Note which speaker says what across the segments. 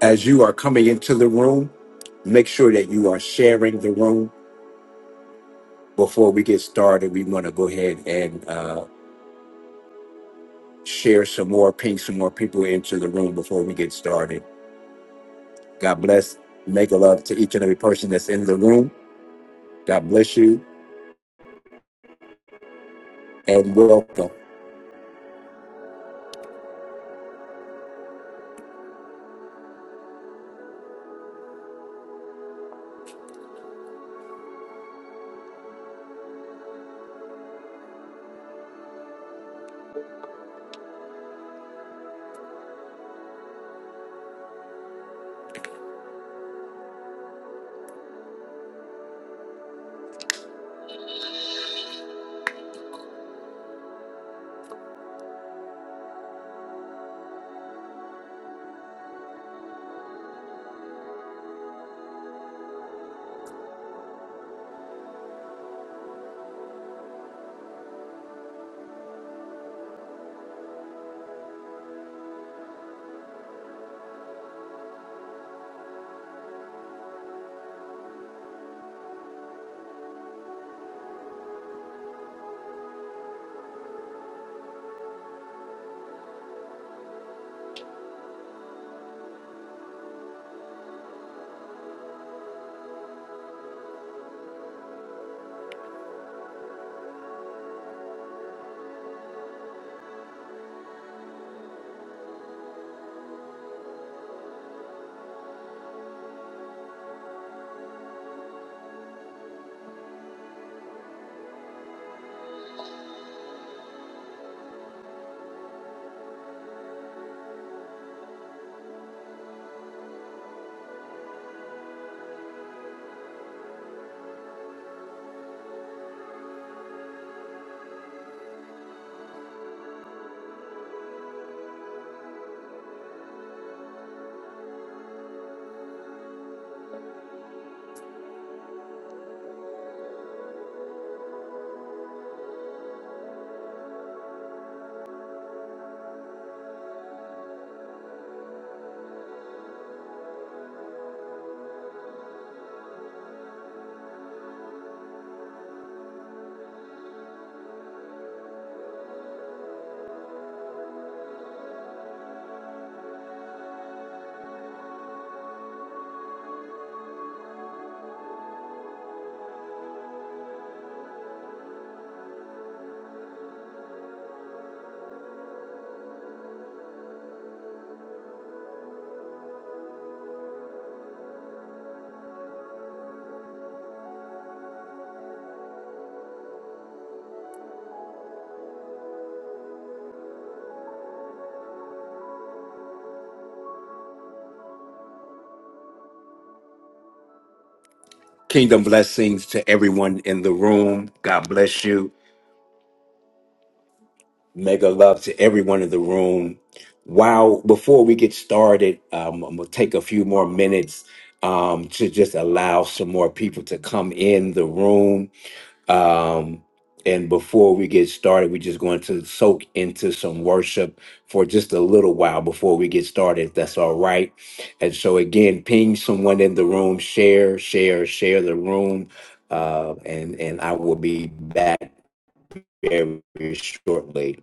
Speaker 1: As you are coming into the room, make sure that you are sharing the room. Before we get started, we want to go ahead and uh, share some more, ping some more people into the room before we get started. God bless. Make a love to each and every person that's in the room. God bless you and welcome. Kingdom blessings to everyone in the room. God bless you. Mega love to everyone in the room. Wow. Before we get started, um, I'm going to take a few more minutes um, to just allow some more people to come in the room. Um, and before we get started, we're just going to soak into some worship for just a little while before we get started, if that's all right. And so, again, ping someone in the room, share, share, share the room. Uh, and, and I will be back very shortly.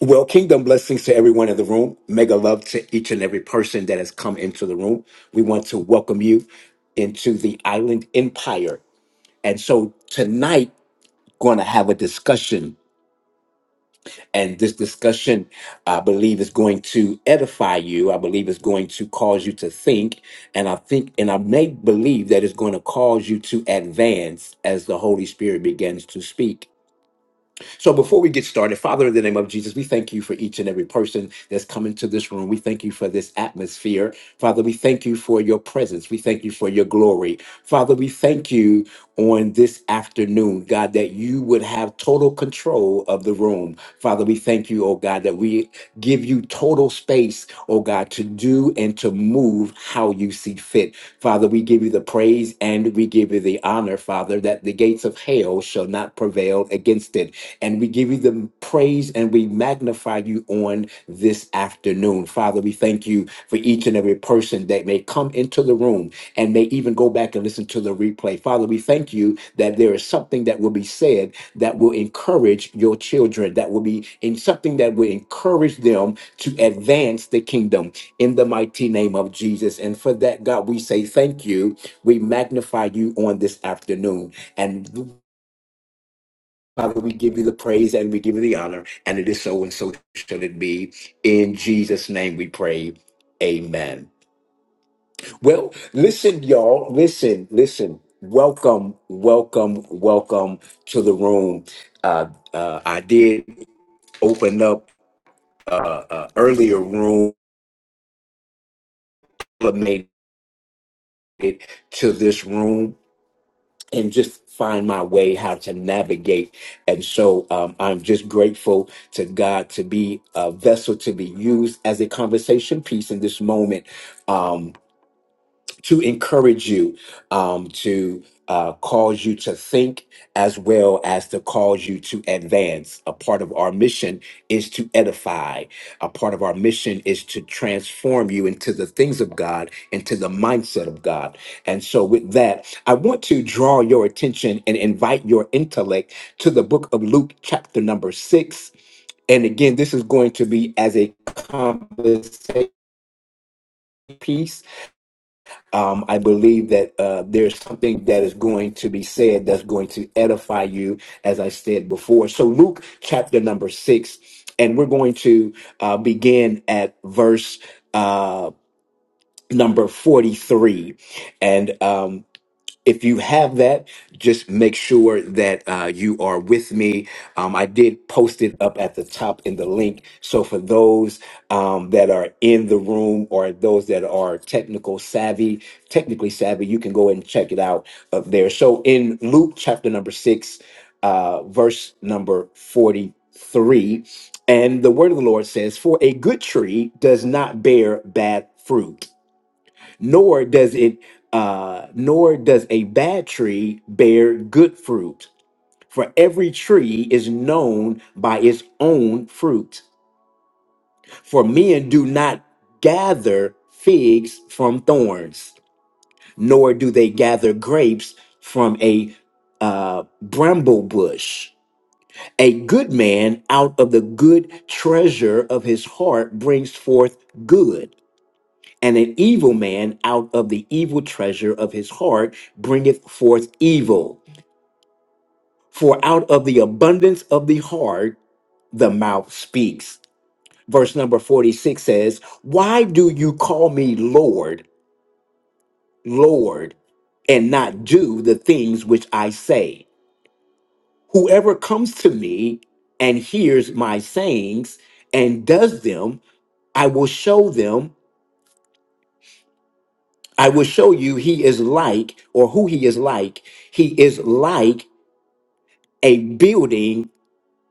Speaker 1: Well, kingdom blessings to everyone in the room. Mega love to each and every person that has come into the room. We want to welcome you into the Island Empire. And so tonight, going to have a discussion. And this discussion, I believe, is going to edify you. I believe it's going to cause you to think. And I think, and I may believe that it's going to cause you to advance as the Holy Spirit begins to speak. So before we get started, Father, in the name of Jesus, we thank you for each and every person that's come into this room. We thank you for this atmosphere. Father, we thank you for your presence. We thank you for your glory. Father, we thank you on this afternoon, God, that you would have total control of the room. Father, we thank you, oh God, that we give you total space, oh God, to do and to move how you see fit. Father, we give you the praise and we give you the honor, Father, that the gates of hell shall not prevail against it. And we give you the praise and we magnify you on this afternoon. Father, we thank you for each and every person that may come into the room and may even go back and listen to the replay. Father, we thank you that there is something that will be said that will encourage your children, that will be in something that will encourage them to advance the kingdom in the mighty name of Jesus. And for that, God, we say thank you. We magnify you on this afternoon. And Father, we give you the praise and we give you the honor, and it is so and so shall it be. In Jesus' name we pray. Amen. Well, listen, y'all. Listen, listen. Welcome, welcome, welcome to the room. Uh, uh, I did open up uh, uh, earlier room, made it to this room. and just find my way how to navigate. And so um, I'm just grateful to God to be a vessel to be used as a conversation piece in this moment. Um, to encourage you, um, to uh, cause you to think, as well as to cause you to advance. A part of our mission is to edify. A part of our mission is to transform you into the things of God, into the mindset of God. And so, with that, I want to draw your attention and invite your intellect to the book of Luke, chapter number six. And again, this is going to be as a conversation piece um, I believe that uh, there's something that is going to be said that's going to edify you, as I said before. So, Luke chapter number six, and we're going to uh, begin at verse uh, number 43. And um, if you have that, just make sure that uh, you are with me. Um, I did post it up at the top in the link. So for those um, that are in the room or those that are technical savvy, technically savvy, you can go and check it out up there. So in Luke chapter number six, uh, verse number 43, and the word of the Lord says, For a good tree does not bear bad fruit nor does it uh nor does a bad tree bear good fruit for every tree is known by its own fruit for men do not gather figs from thorns nor do they gather grapes from a uh, bramble bush a good man out of the good treasure of his heart brings forth good And an evil man out of the evil treasure of his heart bringeth forth evil. For out of the abundance of the heart, the mouth speaks. Verse number 46 says, Why do you call me Lord, Lord, and not do the things which I say? Whoever comes to me and hears my sayings and does them, I will show them, I will show you he is like, or who he is like. He is like a building,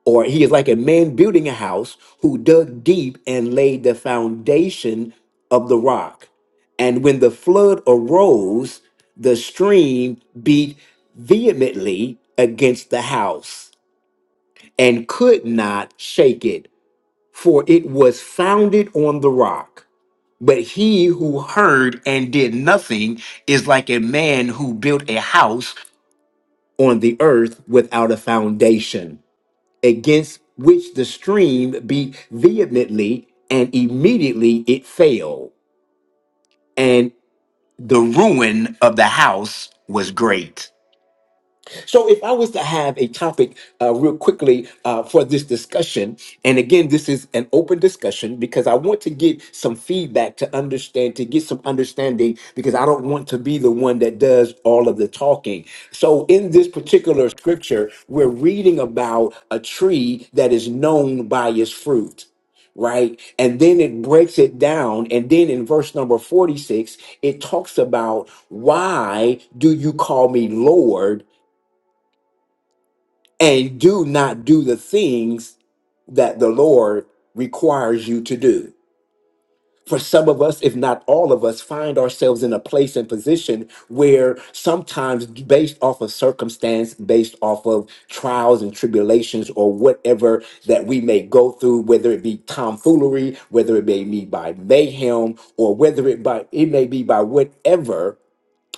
Speaker 1: or he is like a man building a house who dug deep and laid the foundation of the rock. And when the flood arose, the stream beat vehemently against the house and could not shake it, for it was founded on the rock. But he who heard and did nothing is like a man who built a house on the earth without a foundation against which the stream beat vehemently, and immediately it failed, and the ruin of the house was great. So, if I was to have a topic uh, real quickly uh, for this discussion, and again, this is an open discussion because I want to get some feedback to understand, to get some understanding, because I don't want to be the one that does all of the talking. So, in this particular scripture, we're reading about a tree that is known by its fruit right? And then it breaks it down. And then in verse number 46, it talks about why do you call me Lord and do not do the things that the Lord requires you to do. For some of us, if not all of us, find ourselves in a place and position where sometimes, based off of circumstance, based off of trials and tribulations, or whatever that we may go through, whether it be tomfoolery, whether it may be by mayhem, or whether it by it may be by whatever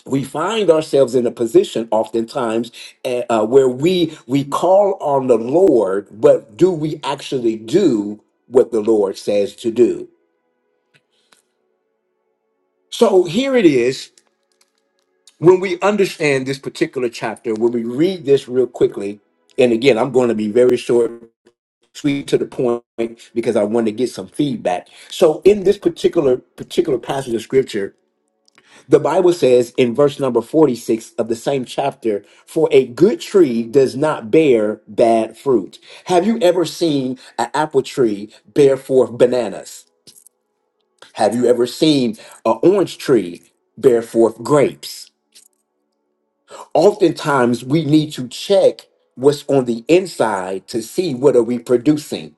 Speaker 1: we find ourselves in a position oftentimes eh, uh, where we we call on the lord but do we actually do what the lord says to do so here it is when we understand this particular chapter when we read this real quickly and again i'm going to be very short sweet to the point because i want to get some feedback so in this particular particular passage of scripture The Bible says in verse number 46 of the same chapter, for a good tree does not bear bad fruit. Have you ever seen an apple tree bear forth bananas? Have you ever seen an orange tree bear forth grapes? Oftentimes we need to check what's on the inside to see what are we producing.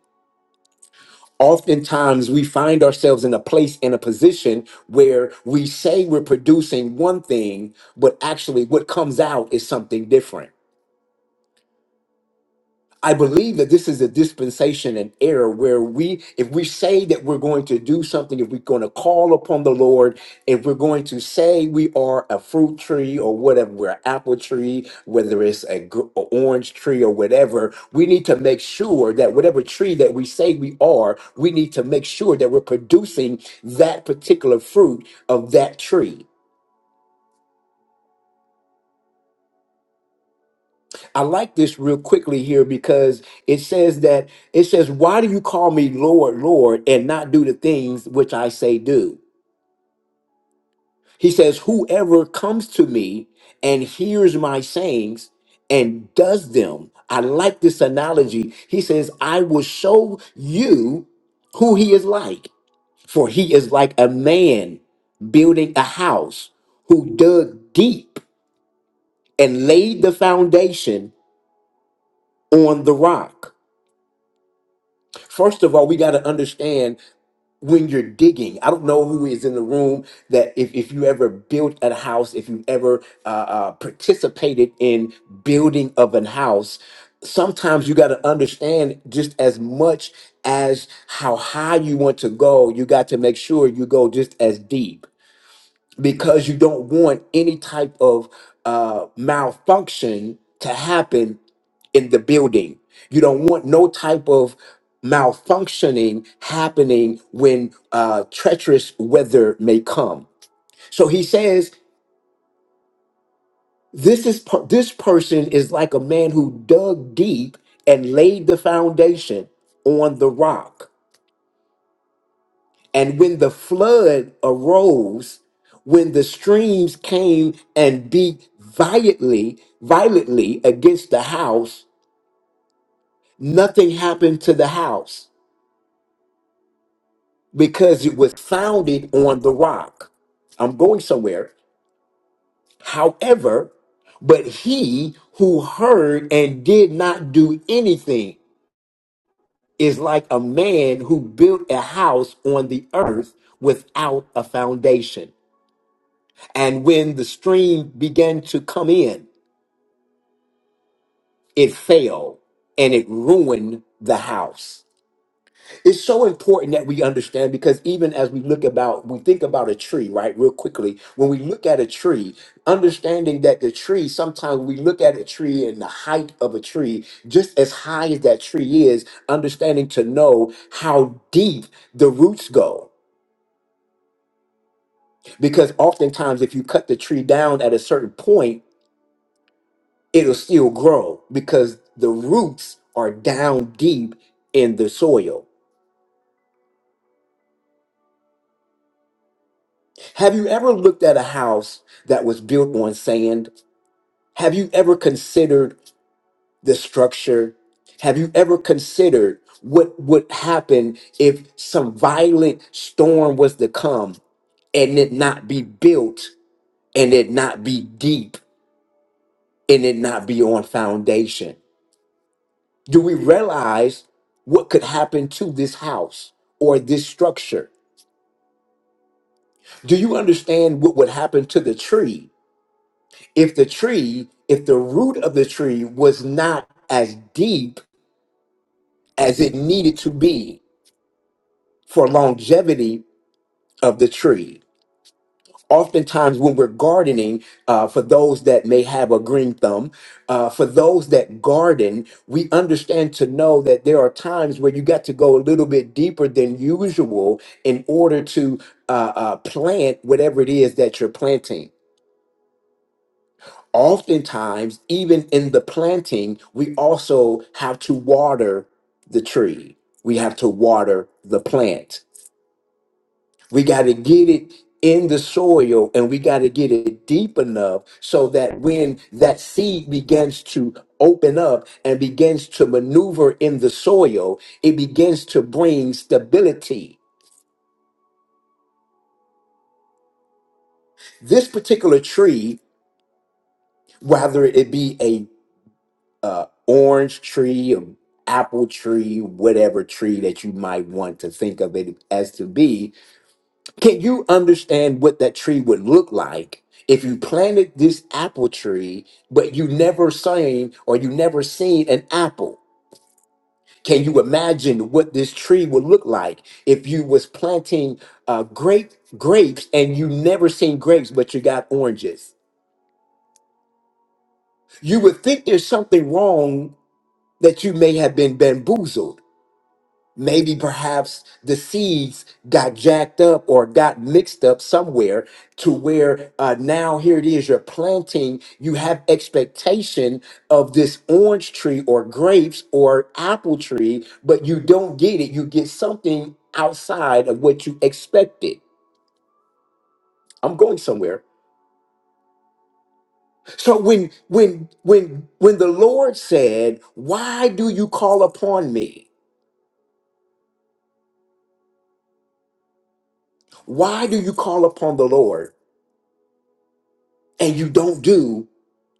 Speaker 1: oftentimes we find ourselves in a place in a position where we say we're producing one thing but actually what comes out is something different I believe that this is a dispensation and era where we, if we say that we're going to do something, if we're going to call upon the Lord, if we're going to say we are a fruit tree or whatever, we're an apple tree, whether it's a gr- a orange tree or whatever, we need to make sure that whatever tree that we say we are, we need to make sure that we're producing that particular fruit of that tree. I like this real quickly here because it says that it says, Why do you call me Lord, Lord, and not do the things which I say do? He says, Whoever comes to me and hears my sayings and does them. I like this analogy. He says, I will show you who he is like, for he is like a man building a house who dug deep and laid the foundation on the rock. First of all, we got to understand when you're digging. I don't know who is in the room that if, if you ever built a house, if you ever uh, uh, participated in building of an house, sometimes you got to understand just as much as how high you want to go, you got to make sure you go just as deep because you don't want any type of uh, malfunction to happen in the building. You don't want no type of malfunctioning happening when uh, treacherous weather may come. So he says, "This is per- this person is like a man who dug deep and laid the foundation on the rock." And when the flood arose, when the streams came and beat violently, violently against the house, nothing happened to the house because it was founded on the rock. I'm going somewhere. However, but he who heard and did not do anything is like a man who built a house on the earth without a foundation. And when the stream began to come in, it fell and it ruined the house. It's so important that we understand because even as we look about, we think about a tree, right? Real quickly, when we look at a tree, understanding that the tree, sometimes we look at a tree and the height of a tree, just as high as that tree is, understanding to know how deep the roots go. Because oftentimes, if you cut the tree down at a certain point, it'll still grow because the roots are down deep in the soil. Have you ever looked at a house that was built on sand? Have you ever considered the structure? Have you ever considered what would happen if some violent storm was to come and it not be built and it not be deep and it not be on foundation? Do we realize what could happen to this house or this structure? Do you understand what would happen to the tree if the tree, if the root of the tree was not as deep as it needed to be for longevity of the tree? Oftentimes, when we're gardening, uh, for those that may have a green thumb, uh, for those that garden, we understand to know that there are times where you got to go a little bit deeper than usual in order to uh, uh, plant whatever it is that you're planting oftentimes, even in the planting, we also have to water the tree. We have to water the plant. We got to get it in the soil and we got to get it deep enough so that when that seed begins to open up and begins to maneuver in the soil, it begins to bring stability. This particular tree, whether it be a uh, orange tree or apple tree, whatever tree that you might want to think of it as to be, can you understand what that tree would look like if you planted this apple tree, but you never seen or you never seen an apple? Can you imagine what this tree would look like if you was planting uh, grape grapes and you never seen grapes, but you got oranges? You would think there's something wrong that you may have been bamboozled Maybe perhaps the seeds got jacked up or got mixed up somewhere to where uh, now here it is, you're planting, you have expectation of this orange tree or grapes or apple tree, but you don't get it. You get something outside of what you expected. I'm going somewhere. So when when when when the Lord said, "Why do you call upon me? Why do you call upon the Lord and you don't do?"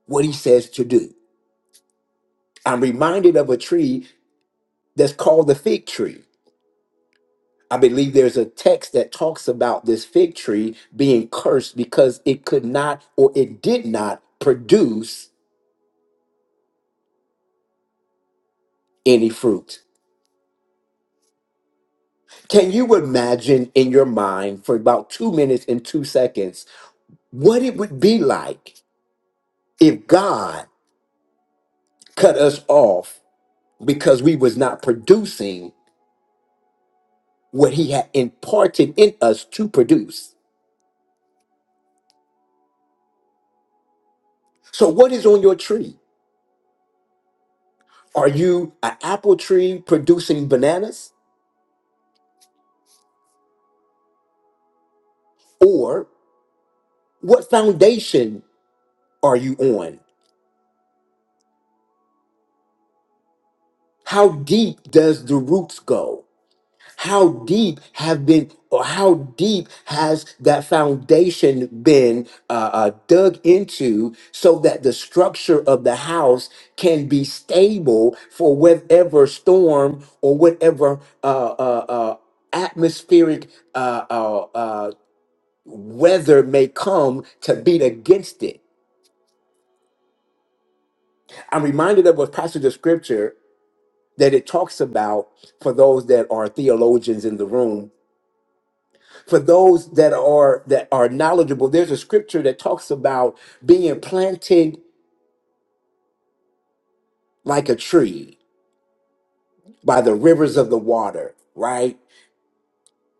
Speaker 1: what he says to do. I'm reminded of a tree that's called the fig tree. I believe there's a text that talks about this fig tree being cursed because it could not or it did not produce any fruit. Can you imagine in your mind for about two minutes and two seconds what it would be like if God cut us off because we was not producing what he had imparted in us to produce? So what is on your tree? Are you an apple tree producing bananas? Or what foundation are you on? How deep does the roots go? How deep have been, or how deep has that foundation been uh, uh, dug into so that the structure of the house can be stable for whatever storm or whatever uh, uh, uh, atmospheric uh, uh, uh, weather may come to beat against it. I'm reminded of a passage of scripture that it talks about for those that are theologians in the room. For those that are that are knowledgeable, there's a scripture that talks about being planted like a tree by the rivers of the water, right?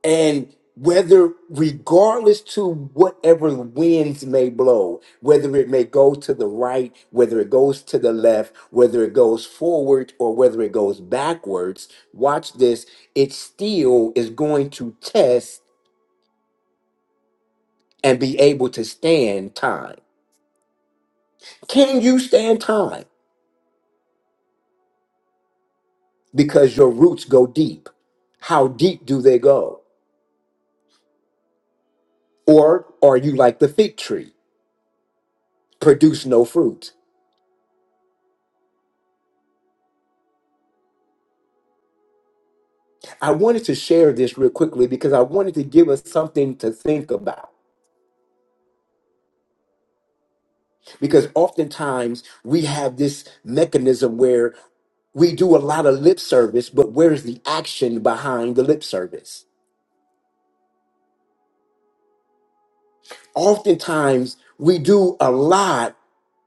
Speaker 1: and whether regardless to whatever winds may blow whether it may go to the right whether it goes to the left whether it goes forward or whether it goes backwards watch this it still is going to test and be able to stand time can you stand time because your roots go deep how deep do they go or are you like the fig tree produce no fruit I wanted to share this real quickly because I wanted to give us something to think about. Because oftentimes we have this mechanism where we do a lot of lip service, but where's the action behind the lip service? Oftentimes we do a lot,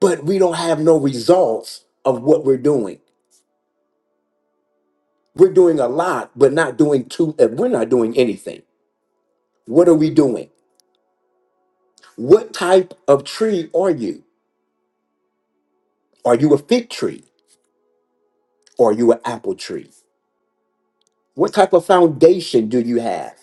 Speaker 1: but we don't have no results of what we're doing. We're doing a lot, but not doing too, uh, we're not doing anything. What are we doing? What type of tree are you? Are you a fig tree? Are you an apple tree? What type of foundation do you have?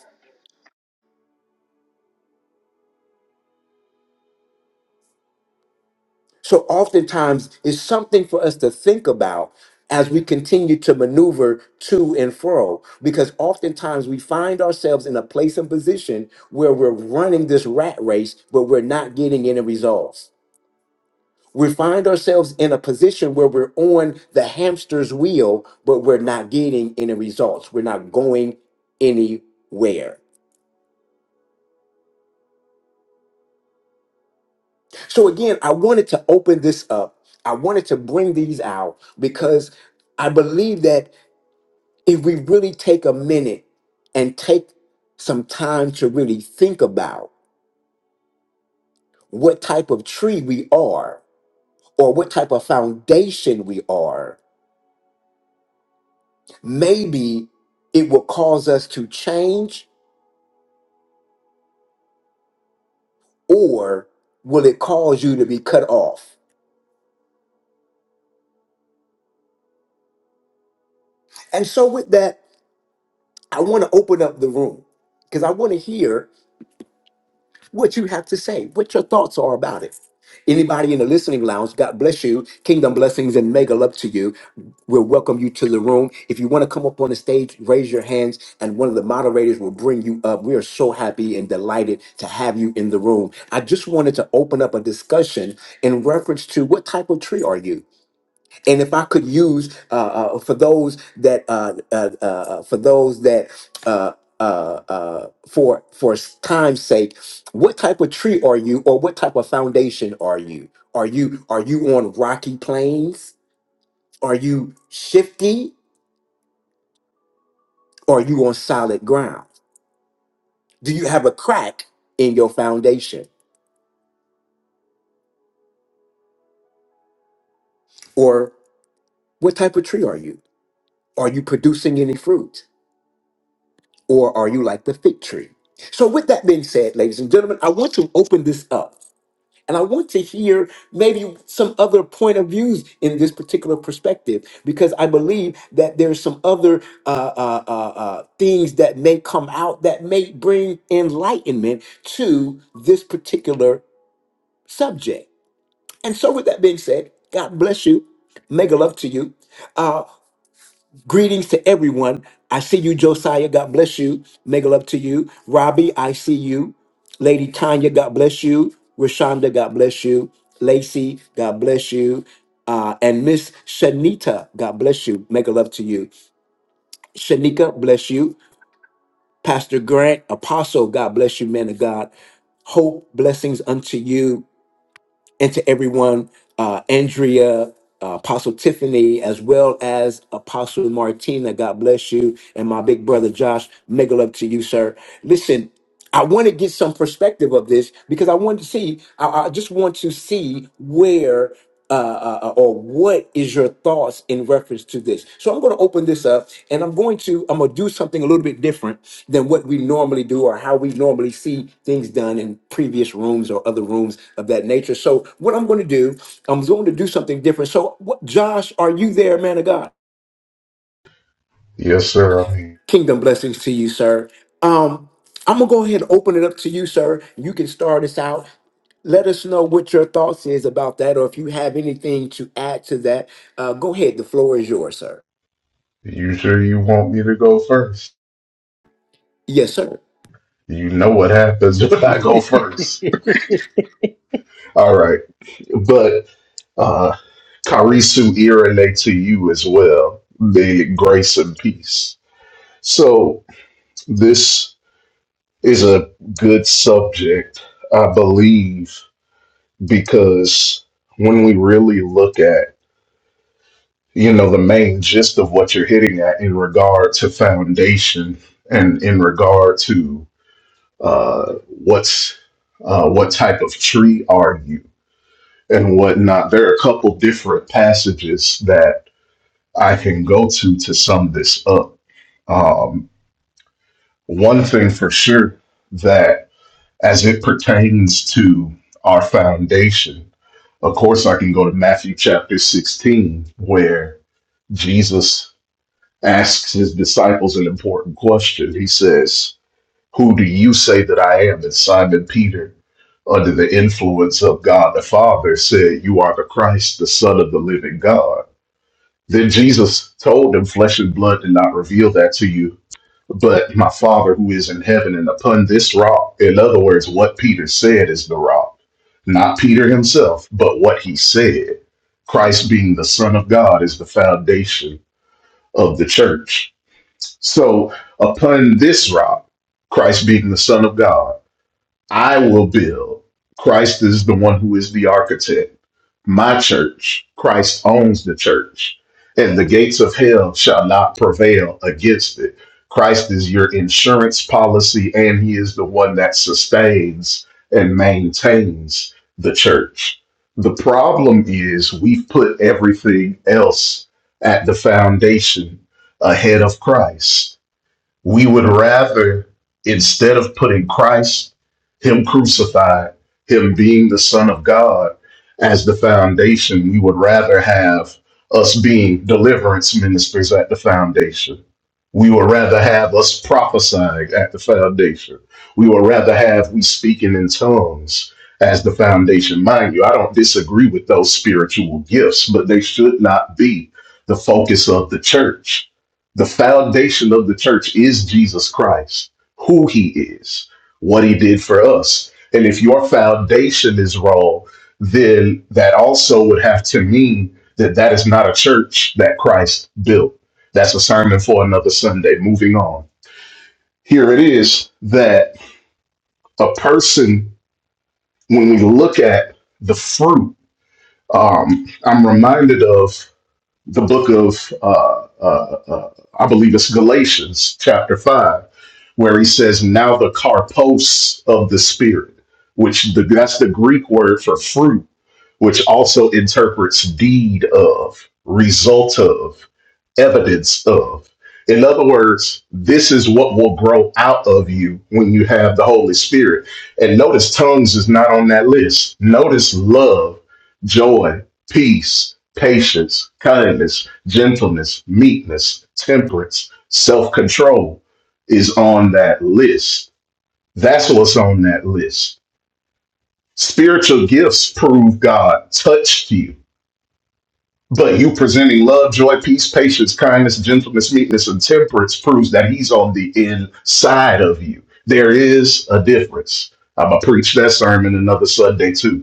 Speaker 1: So, oftentimes, it's something for us to think about as we continue to maneuver to and fro, because oftentimes we find ourselves in a place and position where we're running this rat race, but we're not getting any results. We find ourselves in a position where we're on the hamster's wheel, but we're not getting any results. We're not going anywhere. So again, I wanted to open this up. I wanted to bring these out because I believe that if we really take a minute and take some time to really think about what type of tree we are or what type of foundation we are, maybe it will cause us to change or will it cause you to be cut off? And so with that, I want to open up the room because I want to hear what you have to say, what your thoughts are about it. Anybody in the listening lounge, God bless you. Kingdom blessings and mega love to you. We'll welcome you to the room. If you want to come up on the stage, raise your hands, and one of the moderators will bring you up. We are so happy and delighted to have you in the room. I just wanted to open up a discussion in reference to what type of tree are you? and if I could use uh, uh, for those that uh, uh, uh, uh, for those that uh, uh, uh, for for time's sake, what type of tree are you, or what type of foundation are you? Are you are you on rocky plains? Are you shifty? are you on solid ground? Do you have a crack in your foundation, or what type of tree are you? Are you producing any fruit? or are you like the fig tree? So, with that being said, ladies and gentlemen, I want to open this up and I want to hear maybe some other point of views in this particular perspective because I believe that there's some other uh, uh, uh, uh, things that may come out that may bring enlightenment to this particular subject. And so, with that being said, God bless you. Mega love to you. Uh, Greetings to everyone. I see you, Josiah. God bless you. Niggle up to you. Robbie, I see you. Lady Tanya, God bless you. Rashonda, God bless you. Lacey, God bless you. Uh, and Miss Shanita, God bless you. Make a love to you. Shanika, bless you. Pastor Grant, Apostle, God bless you, man of God. Hope, blessings unto you and to everyone, uh, Andrea, uh, Apostle Tiffany, as well as Apostle Martina. God bless you. And my big brother Josh, mega love to you, sir. Listen, I want to get some perspective of this because I want to see, I, I just want to see where uh, uh, uh, or what is your thoughts in reference to this? So I'm going to open this up, and I'm going to I'm going to do something a little bit different than what we normally do or how we normally see things done in previous rooms or other rooms of that nature. So what I'm going to do, I'm going to do something different. So what, Josh, are you there, man of God?
Speaker 2: Yes, sir. I mean,
Speaker 1: Kingdom blessings to you, sir. Um, I'm gonna go ahead and open it up to you, sir. You can start us out. Let us know what your thoughts is about that, or if you have anything to add to that. Uh, go ahead. The floor is yours, sir.
Speaker 2: you sure you want me to go first?
Speaker 1: Yes, sir.
Speaker 2: You know what happens when I go first. All right. But uh Karisu Irene to you as well. The grace and peace. So this is a good subject, I believe, because when we really look at, you know, the main gist of what you're hitting at in regard to foundation and in regard to uh, what's uh, what type of tree are you and whatnot. There are a couple different passages that I can go to to sum this up. Um, one thing for sure that as it pertains to our foundation, of course, I can go to Matthew chapter 16 where Jesus asks his disciples an important question. He says, Who do you say that I am? And Simon Peter, under the influence of God the Father, said, You are the Christ, the Son of the living God. Then Jesus told him, Flesh and blood did not reveal that to you, but my Father who is in heaven, and upon this rock. In other words, what Peter said is the rock. Not Peter himself, but what he said. Christ being the Son of God is the foundation of the church. So, upon this rock, Christ being the Son of God, I will build. Christ is the one who is the architect. My church, Christ owns the church, and the gates of hell shall not prevail against it. Christ is your insurance policy, and He is the one that sustains and maintains the church. The problem is we've put everything else at the foundation ahead of Christ we would rather, instead of putting Christ, Him crucified, Him being the Son of God, as the foundation, we would rather have us being deliverance ministers at the foundation. We would rather have us prophesying at the foundation. We would rather have we speaking in tongues as the foundation. Mind you, I don't disagree with those spiritual gifts, but they should not be the focus of the church the foundation of the church is Jesus Christ, who he is, what he did for us. And if your foundation is wrong, then that also would have to mean that that is not a church that Christ built. That's a sermon for another Sunday. Moving on. Here it is that a person, when we look at the fruit, um, I'm reminded of the book of, uh, uh, uh, I believe it's Galatians chapter 5, where he says, Now the karpos of the Spirit, which the, that's the Greek word for fruit which also interprets deed of, result of, evidence of. In other words, this is what will grow out of you when you have the Holy Spirit. And notice tongues is not on that list. Notice love, joy, peace, patience, kindness, gentleness, meekness, temperance, self control is on that list. That's what's on that list. Spiritual gifts prove God touched you but you presenting love, joy, peace, patience, kindness, gentleness, meekness, and temperance proves that he's on the inside of you. There is a difference. I'm going to preach that sermon another Sunday, too.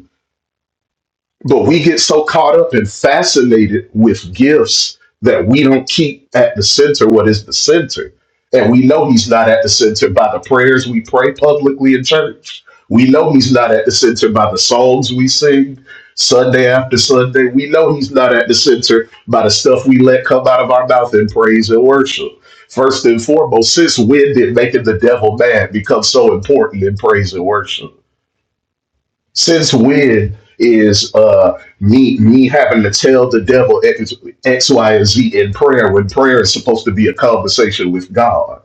Speaker 2: But we get so caught up and fascinated with gifts that we don't keep at the center what is the center. And we know he's not at the center by the prayers we pray publicly in church. We know he's not at the center by the songs we sing Sunday after Sunday. We know he's not at the center by the stuff we let come out of our mouth in praise and worship. First and foremost, since when did making the devil mad become so important in praise and worship? Since when is uh me me having to tell the devil X, X, Y, and Z in prayer when prayer is supposed to be a conversation with God?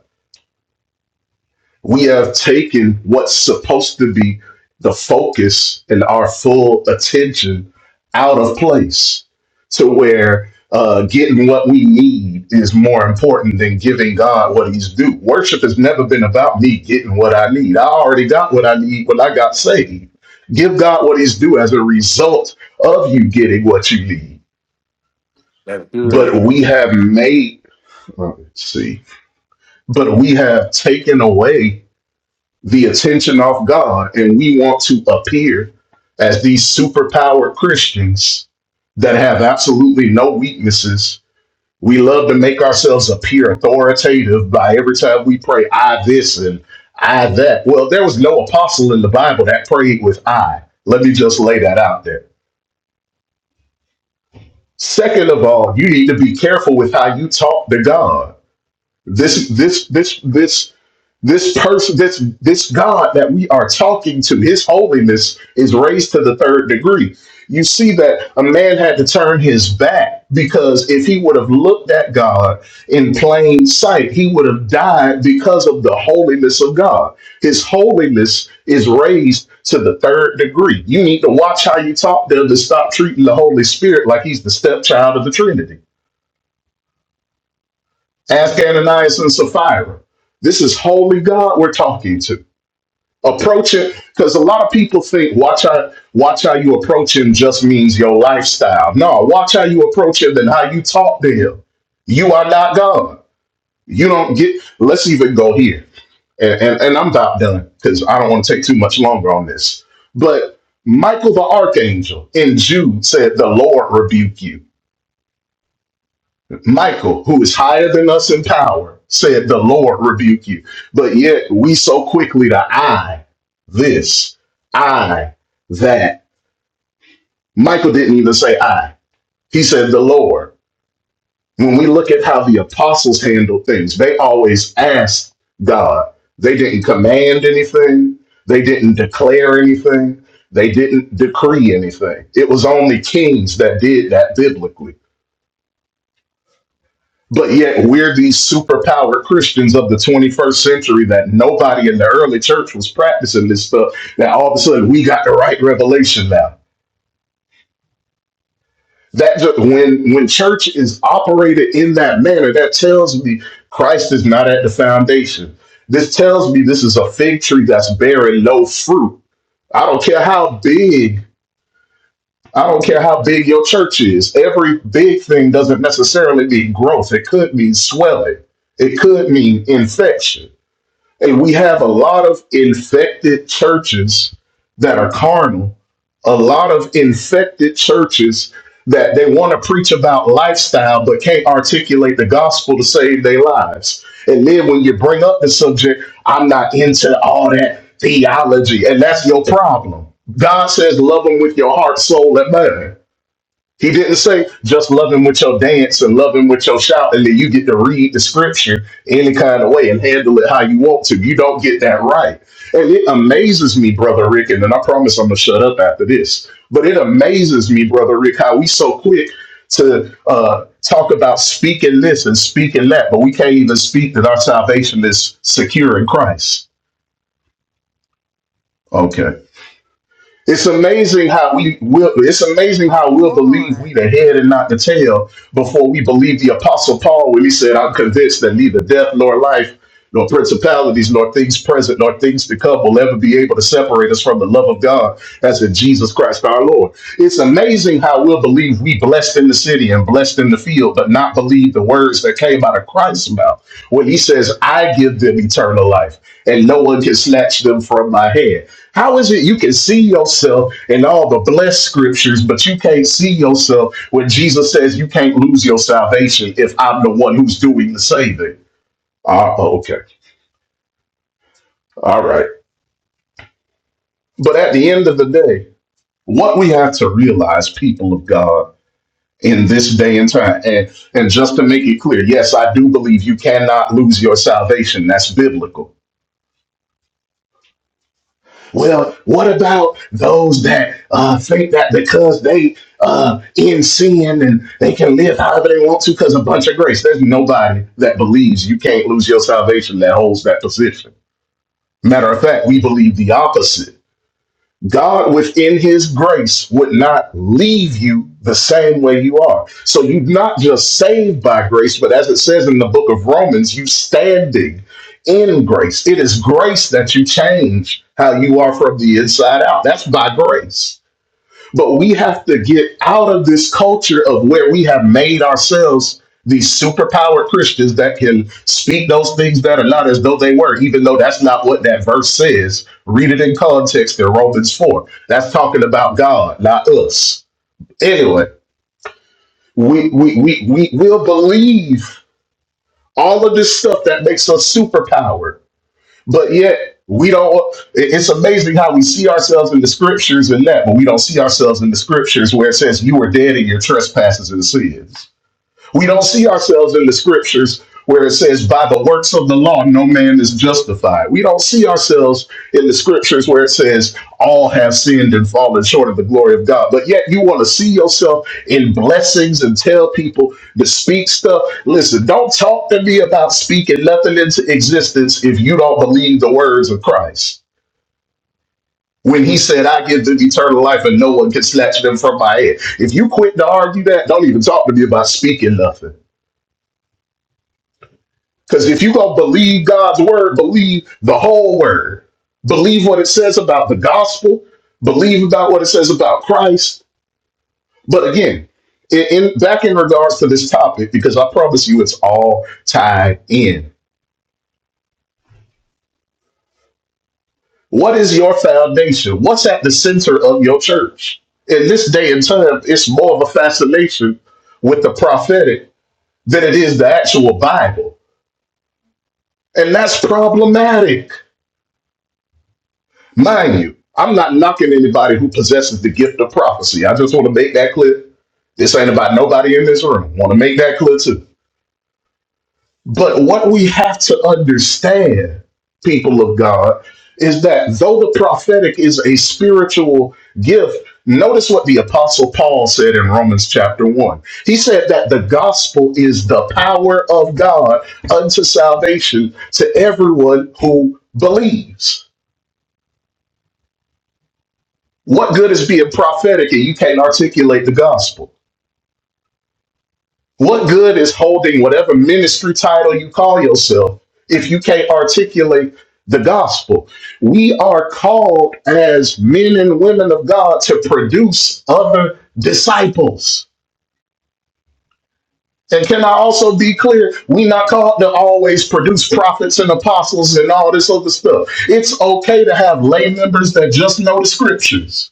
Speaker 2: we have taken what's supposed to be the focus and our full attention out of place to where uh, getting what we need is more important than giving God what he's due. Worship has never been about me getting what I need. I already got what I need when I got saved. Give God what he's due as a result of you getting what you need. But we have made, let's see, but we have taken away the attention off God and we want to appear as these superpowered Christians that have absolutely no weaknesses. We love to make ourselves appear authoritative by every time we pray, I this and I that. Well, there was no apostle in the Bible that prayed with I. Let me just lay that out there. Second of all, you need to be careful with how you talk to God. This, this, this, this This person, this this God that we are talking to, His holiness is raised to the third degree. You see that a man had to turn his back because if he would have looked at God in plain sight, he would have died because of the holiness of God. His holiness is raised to the third degree. You need to watch how you talk there to stop treating the Holy Spirit like he's the stepchild of the Trinity. Ask Ananias and Sapphira. This is holy God we're talking to approach it because a lot of people think watch how watch how you approach him just means your lifestyle no watch how you approach him and how you talk to him you are not god you don't get let's even go here and and, and i'm about done because i don't want to take too much longer on this but michael the archangel in jude said the lord rebuke you Michael, who is higher than us in power, said, The Lord rebuke you. But yet we so quickly to I, this, I, that. Michael didn't even say I, he said, The Lord. When we look at how the apostles handled things, they always asked God. They didn't command anything, they didn't declare anything, they didn't decree anything. It was only kings that did that biblically But yet we're these superpowered Christians of the 21st century that nobody in the early church was practicing this stuff. Now all of a sudden we got the right revelation now. That ju- when when church is operated in that manner, that tells me Christ is not at the foundation. This tells me this is a fig tree that's bearing no fruit. I don't care how big, I don't care how big your church is. Every big thing doesn't necessarily mean growth. It could mean swelling. It could mean infection Hey, we have a lot of infected churches that are carnal, a lot of infected churches that they want to preach about lifestyle but can't articulate the gospel to save their lives. And then when you bring up the subject, I'm not into all that theology, and that's your problem. God says, love them with your heart, soul, and mind. He didn't say just love him with your dance and love him with your shout, and then you get to read the scripture any kind of way and handle it how you want to. You don't get that right. And it amazes me, Brother Rick, and then I promise I'm going to shut up after this. But it amazes me, Brother Rick, how we so quick to uh, talk about speaking this and speaking that, but we can't even speak that our salvation is secure in Christ. Okay. It's amazing how we will. It's amazing how
Speaker 3: Come
Speaker 2: we'll believe we
Speaker 3: on.
Speaker 2: the head and not the tail before we believe the apostle Paul when he said, "I'm convinced that neither death nor life, nor principalities, nor things present, nor things to come will ever be able to separate us from the love of God as in Jesus Christ our Lord." It's amazing how we'll believe we blessed in the the city and blessed in the field, but not believe the words that came out of Christ's mouth when he says, I give them eternal life and no one can snatch them from my hand. How is it you can see yourself in all the blessed scriptures, but you can't see yourself when Jesus says you can't lose your salvation if I'm the one who's doing the saving? Ah, okay. All right. But at the end of the day, what we have to realize, people of God, in this day and time. And, and just to make it clear, yes, I do believe you cannot lose your salvation. That's biblical. Well, what about those that uh, think that because they uh, in sin and they can live however they want to because a bunch of grace? There's nobody that believes you can't lose your salvation that holds that position. Matter of fact, we believe the opposite God within his grace would not leave you the same way you are. So you're not just saved by grace, but as it says in the book of Romans, you standing in grace. It is grace that you change how you are from the inside out. That's by grace. But we have to get out of this culture of where we have made ourselves these superpowered Christians that can speak those things that are not as though they were, even though that's not what that verse says. Read it in context in Romans 4. That's talking about God, not us. Anyway, we we we we will believe all of this stuff that makes us superpowered but yet we don't. it- It's amazing how we see ourselves in the scriptures and that, but we don't see ourselves in the scriptures where it says you were dead in your trespasses and sins. We don't see ourselves in the scriptures where it says, by the works of the law, no man is justified. We don't see ourselves in the scriptures where it says, all have sinned and fallen short of the glory of God. But yet you want to see yourself in blessings and tell people to speak stuff. Listen, don't talk to me about speaking nothing into existence if you don't believe the words of Christ when he said, I give them eternal life and no one can snatch them from my hand. If you quit to argue that, don't even talk to me about speaking nothing. Because if you go believe God's word, believe the whole word. Believe what it says about the gospel. Believe about what it says about Christ. But again, in, in- back in regards to this topic, because I promise you, it's all tied in. What is your foundation? What's at the center of your church? In this day and time, it's more of a fascination with the prophetic than it is the actual Bible, and that's problematic. Mind you, I'm not knocking anybody who possesses the gift of prophecy. I just want to make that clear. This ain't about nobody in this room. Want to make that clear too. But what we have to understand, people of God, is that though the prophetic is a spiritual gift, notice what the Apostle Paul said in Romans chapter 1. He said that the gospel is the power of God unto salvation to everyone who believes. What good is being prophetic and you can't articulate the gospel? What good is holding whatever ministry title you call yourself if you can't articulate the gospel? We are called as men and women of God to produce other disciples. And can I also be clear? we not called to always produce prophets and apostles and all this other stuff. It's okay to have lay members that just know the scriptures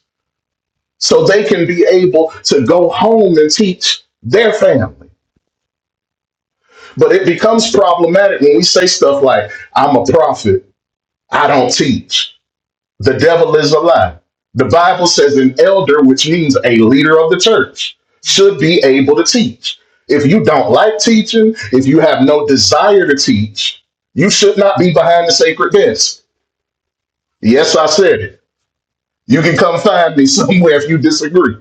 Speaker 2: so they can be able to go home and teach their family. But it becomes problematic when we say stuff like, I'm a prophet, I don't teach. The devil is a lie. The Bible says an elder, which means a leader of the church, should be able to teach. If you don't like teaching, if you have no desire to teach, you should not be behind the sacred desk. Yes, I said it. You can come find me somewhere if you disagree.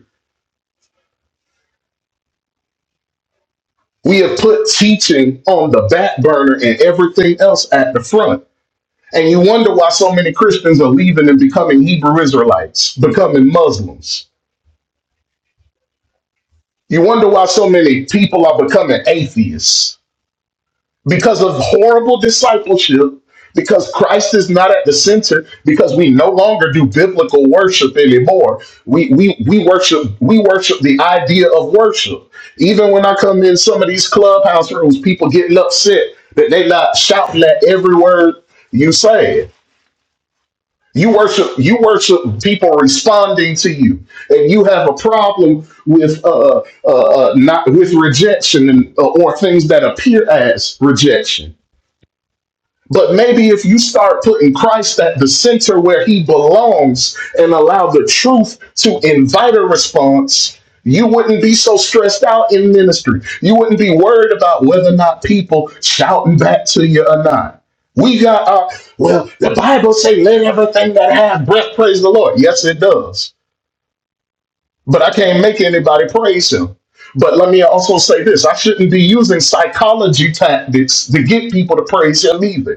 Speaker 2: We have put teaching on the back burner and everything else at the front. And you wonder why so many Christians are leaving and becoming Hebrew Israelites, becoming Muslims. You wonder why so many people are becoming atheists. because of horrible discipleship, because Christ is not at the center, because we no longer do biblical worship anymore. We we we worship we worship the idea of worship. Even when I come in some of these clubhouse rooms, people getting upset that they not shouting at every word you say. You worship you worship people responding to you, and you have a problem with uh, uh, uh, not with rejection and, uh, or things that appear as rejection but maybe if you start putting Christ at the center where he belongs and allow the truth to invite a response, you wouldn't be so stressed out in ministry. You wouldn't be worried about whether or not people shouting back to you or not. We got our, well, the Bible says, let everything that have breath praise the Lord. Yes, it does. But I can't make anybody praise him. But let me also say this I shouldn't be using psychology tactics to get people to praise him either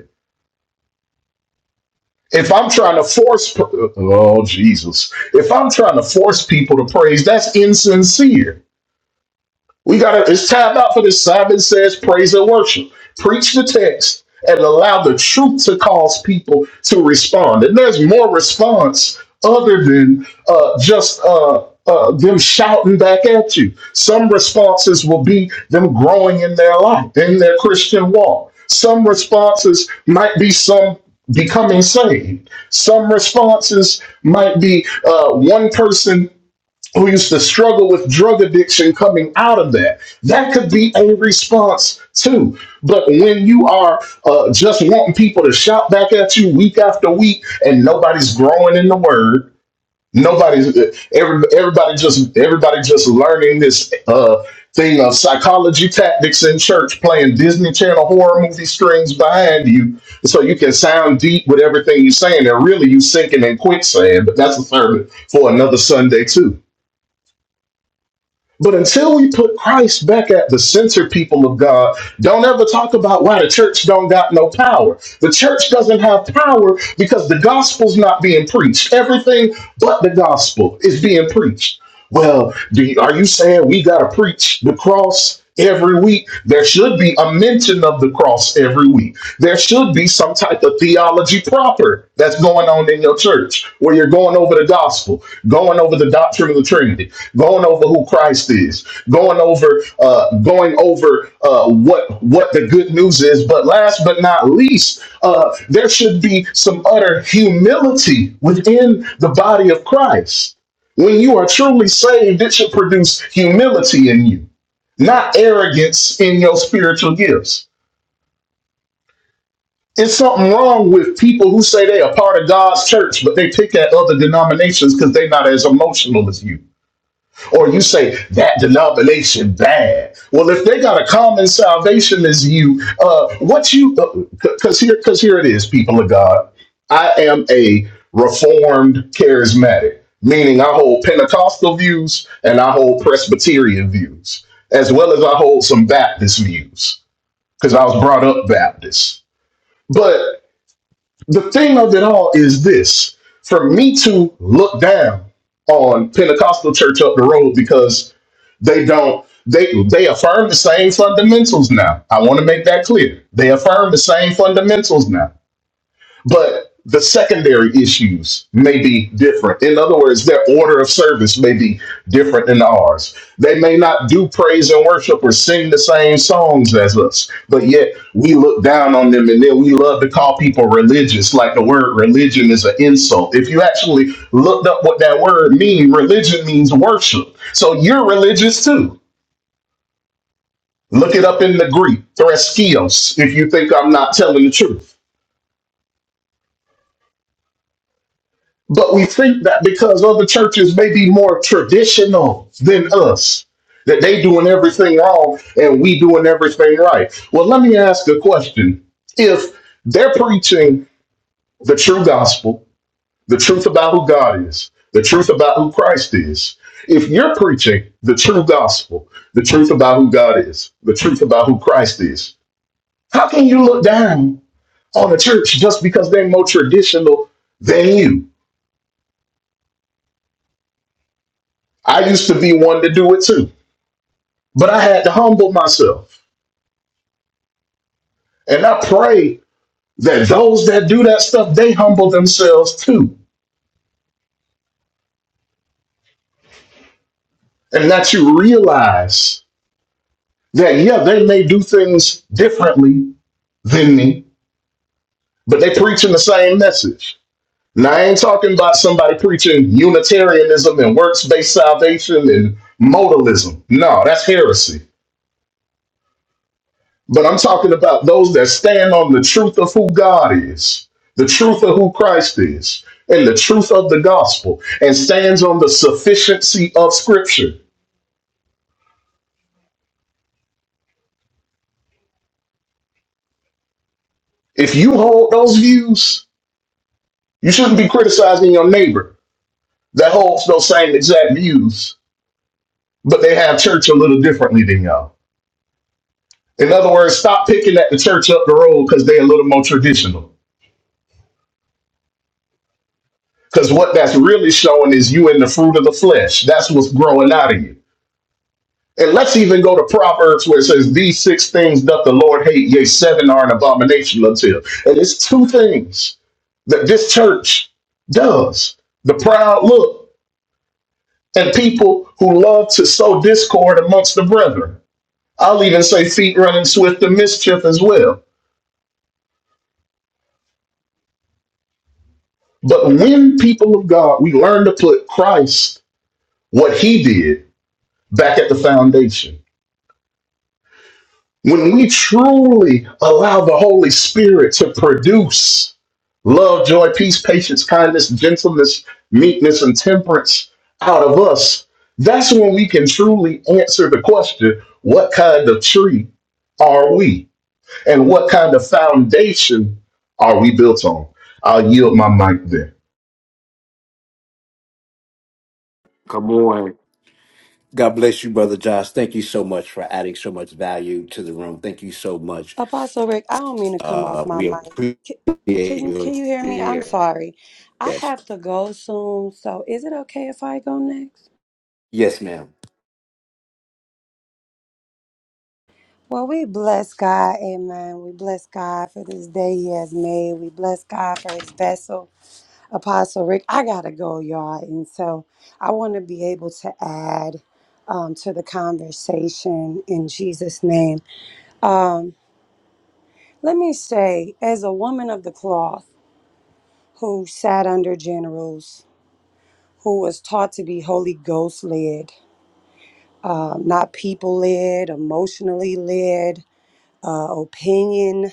Speaker 2: If I'm trying to force, oh Jesus, if I'm trying to force people to praise, that's insincere. We got to, it's time out for this Simon Says praise and worship. Preach the text and allow the truth to cause people to respond. And there's more response other than uh, just uh, uh, them shouting back at you. Some responses will be them growing in their life, in their Christian walk. Some responses might be some becoming saved. Some responses might be uh, one person who used to struggle with drug addiction coming out of that. That could be a response too. But when you are uh, just wanting people to shout back at you week after week, and nobody's growing in the word, nobody's every, everybody just everybody just learning this uh, thing of psychology tactics in church, playing Disney Channel horror movie strings behind you, so you can sound deep with everything you're saying, and really you sinking in quicksand. But that's a sermon for another Sunday too. But until we put Christ back at the center, people of God, don't ever talk about why the church don't got no power. The church doesn't have power because the gospel's not being preached. Everything but the gospel is being preached. Well, do you, are you saying we got to preach the cross? every week. There should be a mention of the cross every week. There should be some type of theology proper that's going on in your church where you're going over the gospel, going over the doctrine of the Trinity, going over who Christ is, going over uh, going over uh, what what the good news is. But last but not least, uh, there should be some utter humility within the body of Christ. When you are truly saved, it should produce humility in you not arrogance in your spiritual gifts. It's something wrong with people who say they are part of God's church, but they pick at other denominations because they're not as emotional as you. Or you say that denomination bad. Well, if they got a common salvation as you, uh, what you? Because here, because here it is, people of God. I am a reformed charismatic, meaning I hold Pentecostal views and I hold Presbyterian views, as well as I hold some Baptist views. because I was brought up Baptist. But the thing of it all is this for me to look down on Pentecostal church up the road because they don't they they affirm the same fundamentals now. I want to make that clear. They affirm the same fundamentals now but the secondary issues may be different. In other words, their order of service may be different than ours. They may not do praise and worship or sing the same songs as us, but yet we look down on them and then we love to call people religious, like the word religion is an insult. If you actually looked up what that word means, religion means worship. So you're religious too. Look it up in the Greek, threskios, if you think I'm not telling the truth. But we think that because other churches may be more traditional than us, that they doing everything wrong and we doing everything right. Well, let me ask a question. If they're preaching the true gospel, the truth about who God is, the truth about who Christ is, if you're preaching the true gospel, the truth about who God is, the truth about who Christ is, how can you look down on a church just because they're more traditional than you? I used to be one to do it too. But I had to humble myself. And I pray that those that do that stuff, they humble themselves too. And that you realize that, yeah, they may do things differently than me, but they preaching the same message. Now, I ain't talking about somebody preaching Unitarianism and works based salvation and modalism. No, that's heresy. But I'm talking about those that stand on the truth of who God is, the truth of who Christ is, and the truth of the gospel, and stands on the sufficiency of Scripture. If you hold those views, you shouldn't be criticizing your neighbor that holds those same exact views, but they have church a little differently than y'all. In other words, stop picking at the church up the road because they're a little more traditional. Because what that's really showing is you in the fruit of the flesh. That's what's growing out of you. And let's even go to Proverbs where it says, These six things doth the Lord hate, yea, seven are an abomination unto him. And it's two things that this church does the proud look and people who love to sow discord amongst the brethren. I'll even say feet running swift to mischief as well. But when people of God, we learn to put Christ, what he did, back at the foundation. When we truly allow the Holy Spirit to produce love, joy, peace, patience, kindness, gentleness, meekness, and temperance out of us, that's when we can truly answer the question what kind of tree are we? And what kind of foundation are we built on? I'll yield my mic there.
Speaker 1: God bless you, Brother Josh. Thank you so much for adding so much value to the room. Thank you so much.
Speaker 4: Apostle Rick, I don't mean to come off
Speaker 1: Uh,
Speaker 4: my
Speaker 1: we
Speaker 4: mic.
Speaker 1: appreciate
Speaker 4: C- Can
Speaker 1: your
Speaker 4: can you hear me? I'm
Speaker 1: share.
Speaker 4: sorry. I
Speaker 1: Yes.
Speaker 4: have to go soon, so is it okay if I go next?
Speaker 1: Yes, ma'am.
Speaker 4: Well, we bless God, amen. We bless God for this day he has made. We bless God for his vessel. Apostle Rick, I got to go, y'all. And so I want to be able to add um, to the conversation in Jesus' name. Um, let me say, as a woman of the cloth who sat under generals, who was taught to be Holy Ghost led, uh, not people led, emotionally led, uh, opinion,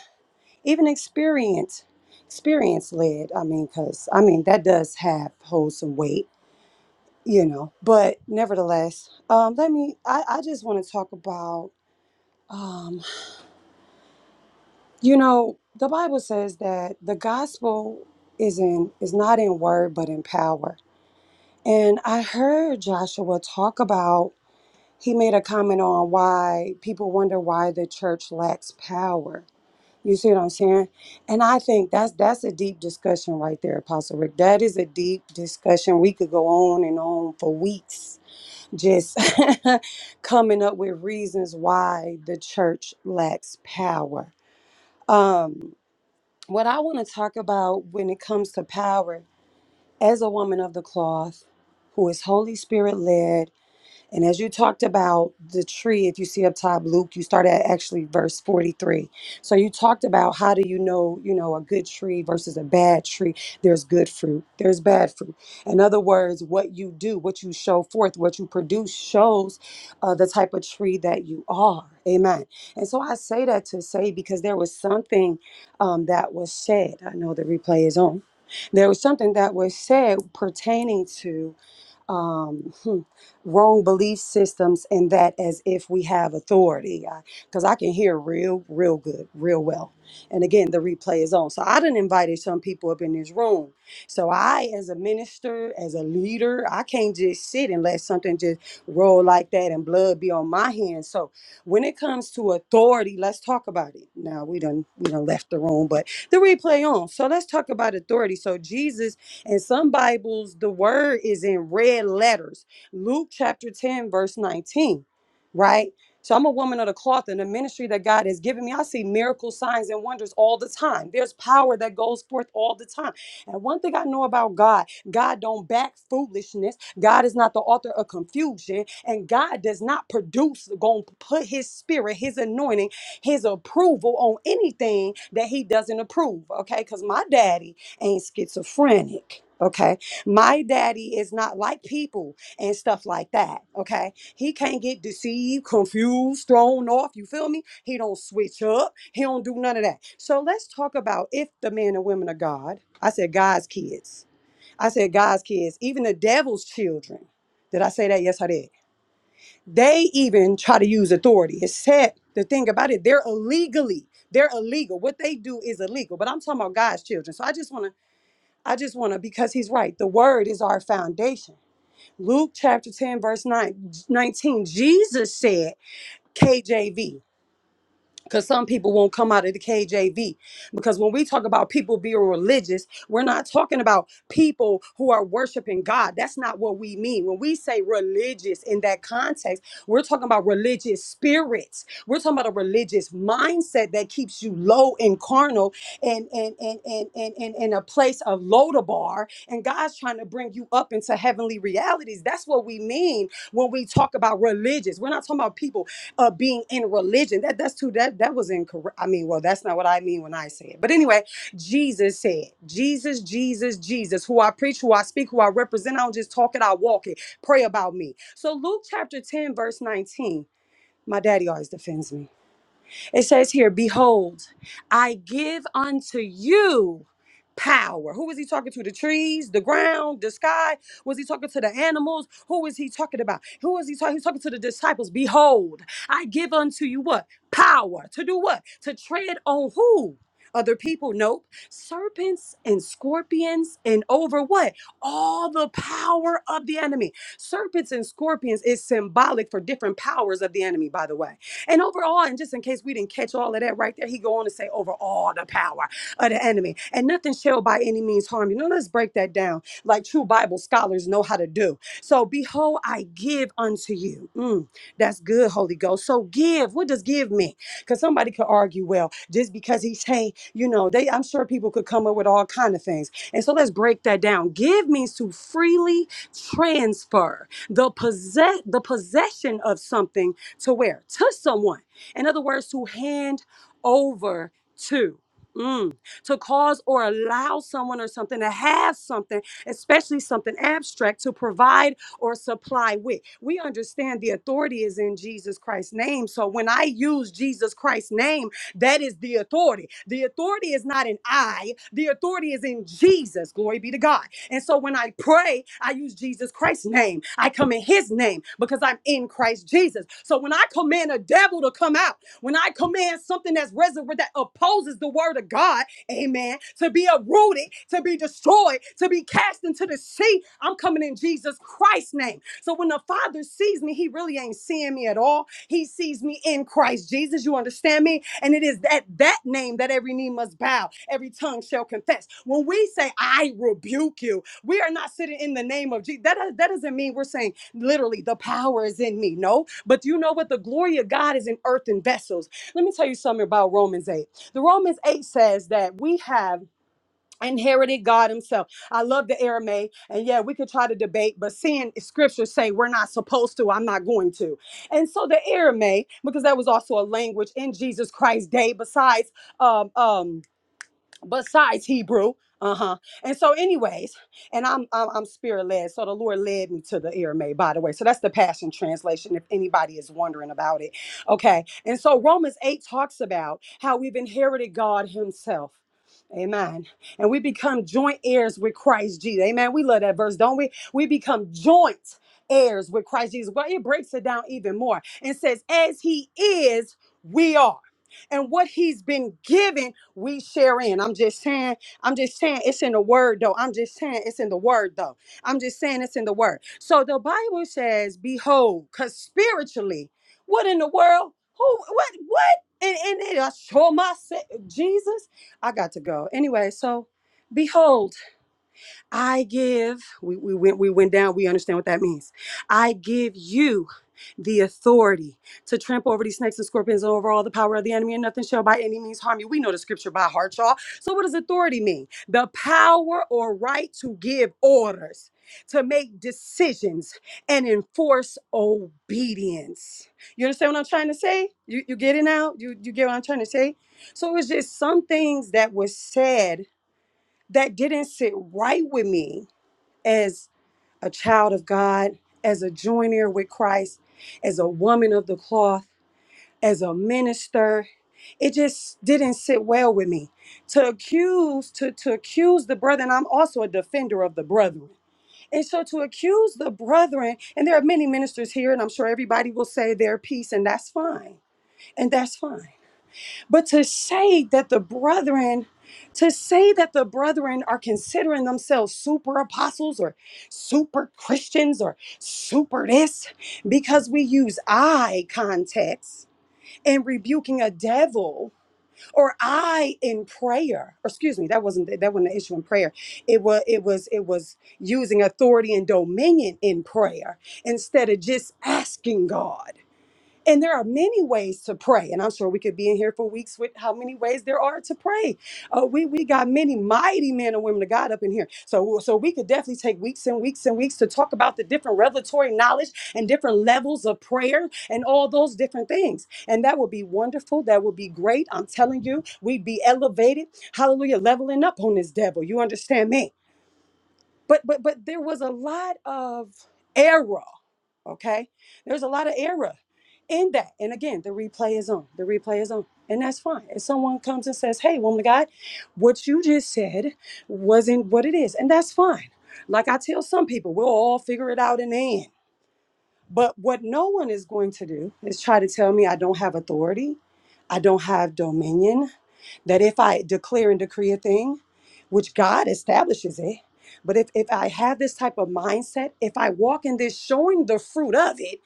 Speaker 4: even experience, experience led. I mean, because I mean that does have hold some weight, you know. But nevertheless, um, let me. I, I just want to talk about, um, you know, the Bible says that the gospel is in is not in word but in power. And I heard Joshua talk about he made a comment on why people wonder why the church lacks power. You see what I'm saying? And I think that's that's a deep discussion right there, Apostle Rick. That is a deep discussion. We could go on and on for weeks just coming up with reasons why the church lacks power. Um, what I want to talk about when it comes to power as a woman of the cloth who is Holy Spirit led and as you talked about the tree, if you see up top, Luke, you start at actually verse 43. So you talked about how do you know, you know, a good tree versus a bad tree? There's good fruit, there's bad fruit. In other words, what you do, what you show forth, what you produce shows uh, the type of tree that you are. Amen. And so I say that to say because there was something um, that was said. I know the replay is on. There was something that was said pertaining to um, hmm, wrong belief systems and that as if we have authority. Because I, can hear real, real good, real well. And again, the replay is on. So I done invited some people up in this room. So I, as a minister, as a leader, I can't just sit and let something just roll like that and blood be on my hands. So when it comes to authority, let's talk about it. Now we done we done left the room, but the replay on. So let's talk about authority. So Jesus in some Bibles, the word is in red letters. Luke chapter 10, verse 19, right? So I'm a woman of the cloth and the ministry that God has given me. I see miracles, signs, and wonders all the time. There's power that goes forth all the time. And one thing I know about God, God don't back foolishness. God is not the author of confusion. And God does not produce, going to put his spirit, his anointing, his approval on anything that he doesn't approve. Okay. Because my daddy ain't schizophrenic. Okay. My daddy is not like people and stuff like that. Okay. He can't get deceived, confused, thrown off. You feel me? He don't switch up. He don't do none of that. So let's talk about if the men and women of God, I said God's kids. I said God's kids, even the devil's children. Did I say that? Yes, I did. They even try to use authority. It's sad the thing about it, they're illegally, they're illegal. What they do is illegal. But I'm talking about God's children. So I just want to I just want to, because he's right, the word is our foundation. Luke chapter 10, verse 9, 19. Jesus said, KJV because some people won't come out of the KJV. Because when we talk about people being religious, we're not talking about people who are worshiping God. That's not what we mean. When we say religious in that context, we're talking about religious spirits. We're talking about a religious mindset that keeps you low and carnal and and and and and, and in a place of Lodabar. And God's trying to bring you up into heavenly realities. That's what we mean when we talk about religious. We're not talking about people uh being in religion that that's too that that was incorrect i mean well that's not what i mean when i say it but anyway jesus said jesus jesus jesus who i preach who i speak who i represent i don't just talk it i walk it pray about me so luke chapter 10 verse 19 my daddy always defends me it says here, Behold, I give unto you power. Who was he talking to? The trees, the ground, the sky? Was he talking to the animals? Who was he talking about? Who was he talking? He's talking to the disciples. Behold, I give unto you what? Power. To do what? To tread on who? Other people, nope. Serpents and scorpions, and over what? All the power of the enemy. Serpents and scorpions is symbolic for different powers of the enemy, by the way. And overall, and just in case we didn't catch all of that right there, he go on to say, overall the power of the enemy. And nothing shall by any means harm you. Now let's break that down. Like true Bible scholars know how to do. So behold, I give unto you. Mm, that's good, Holy Ghost. So give. What does give mean? Because somebody could argue, well, just because he's saying, you know, they I'm sure people could come up with all kind of things. And so let's break that down. Give means to freely transfer the possess the possession of something to where? To someone. In other words, to hand over to. Mm. To cause or allow someone or something to have something, especially something abstract, to provide or supply with. We understand the authority is in Jesus Christ's name. So when I use Jesus Christ's name, that is the authority. The authority is not in I, the authority is in Jesus. Glory be to God. And so when I pray, I use Jesus Christ's name. I come in his name because I'm in Christ Jesus. So when I command a devil to come out, when I command something that's resurrected that opposes the word of God, amen, to be uprooted, to be destroyed, to be cast into the sea, I'm coming in Jesus Christ's name. So when the Father sees me, He really ain't seeing me at all. He sees me in Christ Jesus. You understand me? And it is at that name that every knee must bow, every tongue shall confess. When we say, "I rebuke you," we are not sitting in the name of Jesus. That uh, that doesn't mean we're saying literally the power is in me. No, but you know what? The glory of God is in earthen vessels. Let me tell you something about Romans eight. The Romans eight says that we have inherited God Himself. I love the Aramaic, and yeah, we could try to debate, but seeing Scripture say we're not supposed to, I'm not going to. And so the Aramaic, because that was also a language in Jesus Christ's day, besides um, um, besides Hebrew. Uh-huh. And so, anyways, and I'm I'm, I'm spirit led. So the Lord led me to the Aramaic, by the way. So that's the Passion Translation, if anybody is wondering about it. Okay. And so Romans 8 talks about how we've inherited God Himself. Amen. And we become joint heirs with Christ Jesus. Amen. We love that verse, don't we? We become joint heirs with Christ Jesus. Well, it breaks it down even more and says, as he is, we are. And what he's been given we share in. I'm just saying, I'm just saying it's in the word though. I'm just saying it's in the word though. I'm just saying it's in the word. So the Bible says, behold, because spiritually, what in the world? Who what what? And, and it, I show myself Jesus. I got to go. Anyway, so behold. I give, we, we went we went down, we understand what that means. I give you the authority to trample over these snakes and scorpions and over all the power of the enemy, and nothing shall by any means harm you. We know the scripture by heart, y'all. So what does authority mean? The power or right to give orders, to make decisions, and enforce obedience. You understand what I'm trying to say? You you get it now? You you get what I'm trying to say? So it was just some things that was said that didn't sit right with me as a child of God, as a joiner with Christ, as a woman of the cloth, as a minister. It just didn't sit well with me to accuse to to accuse the brethren. I'm also a defender of the brethren, and so to accuse the brethren. And there are many ministers here, and I'm sure everybody will say their piece, and that's fine, and that's fine. But to say that the brethren, to say that the brethren are considering themselves super apostles or super Christians or super this, because we use I context in rebuking a devil or I in prayer. Or excuse me, that wasn't that wasn't the issue in prayer. It was it was it was using authority and dominion in prayer instead of just asking God. And there are many ways to pray. And I'm sure we could be in here for weeks with how many ways there are to pray. Uh, we, we got many mighty men and women of God up in here. So, so we could definitely take weeks and weeks and weeks to talk about the different revelatory knowledge and different levels of prayer and all those different things. And that would be wonderful. That would be great. I'm telling you, we'd be elevated. Hallelujah. Leveling up on this devil. You understand me? But but but there was a lot of error Okay. There's a lot of error in that. And again, the replay is on. The replay is on. And that's fine. If someone comes and says, Hey, woman of God, what you just said wasn't what it is. And that's fine. Like I tell some people, we'll all figure it out in the end. But what no one is going to do is try to tell me I don't have authority, I don't have dominion, that if I declare and decree a thing, which God establishes it, but if, if I have this type of mindset, if I walk in this showing the fruit of it,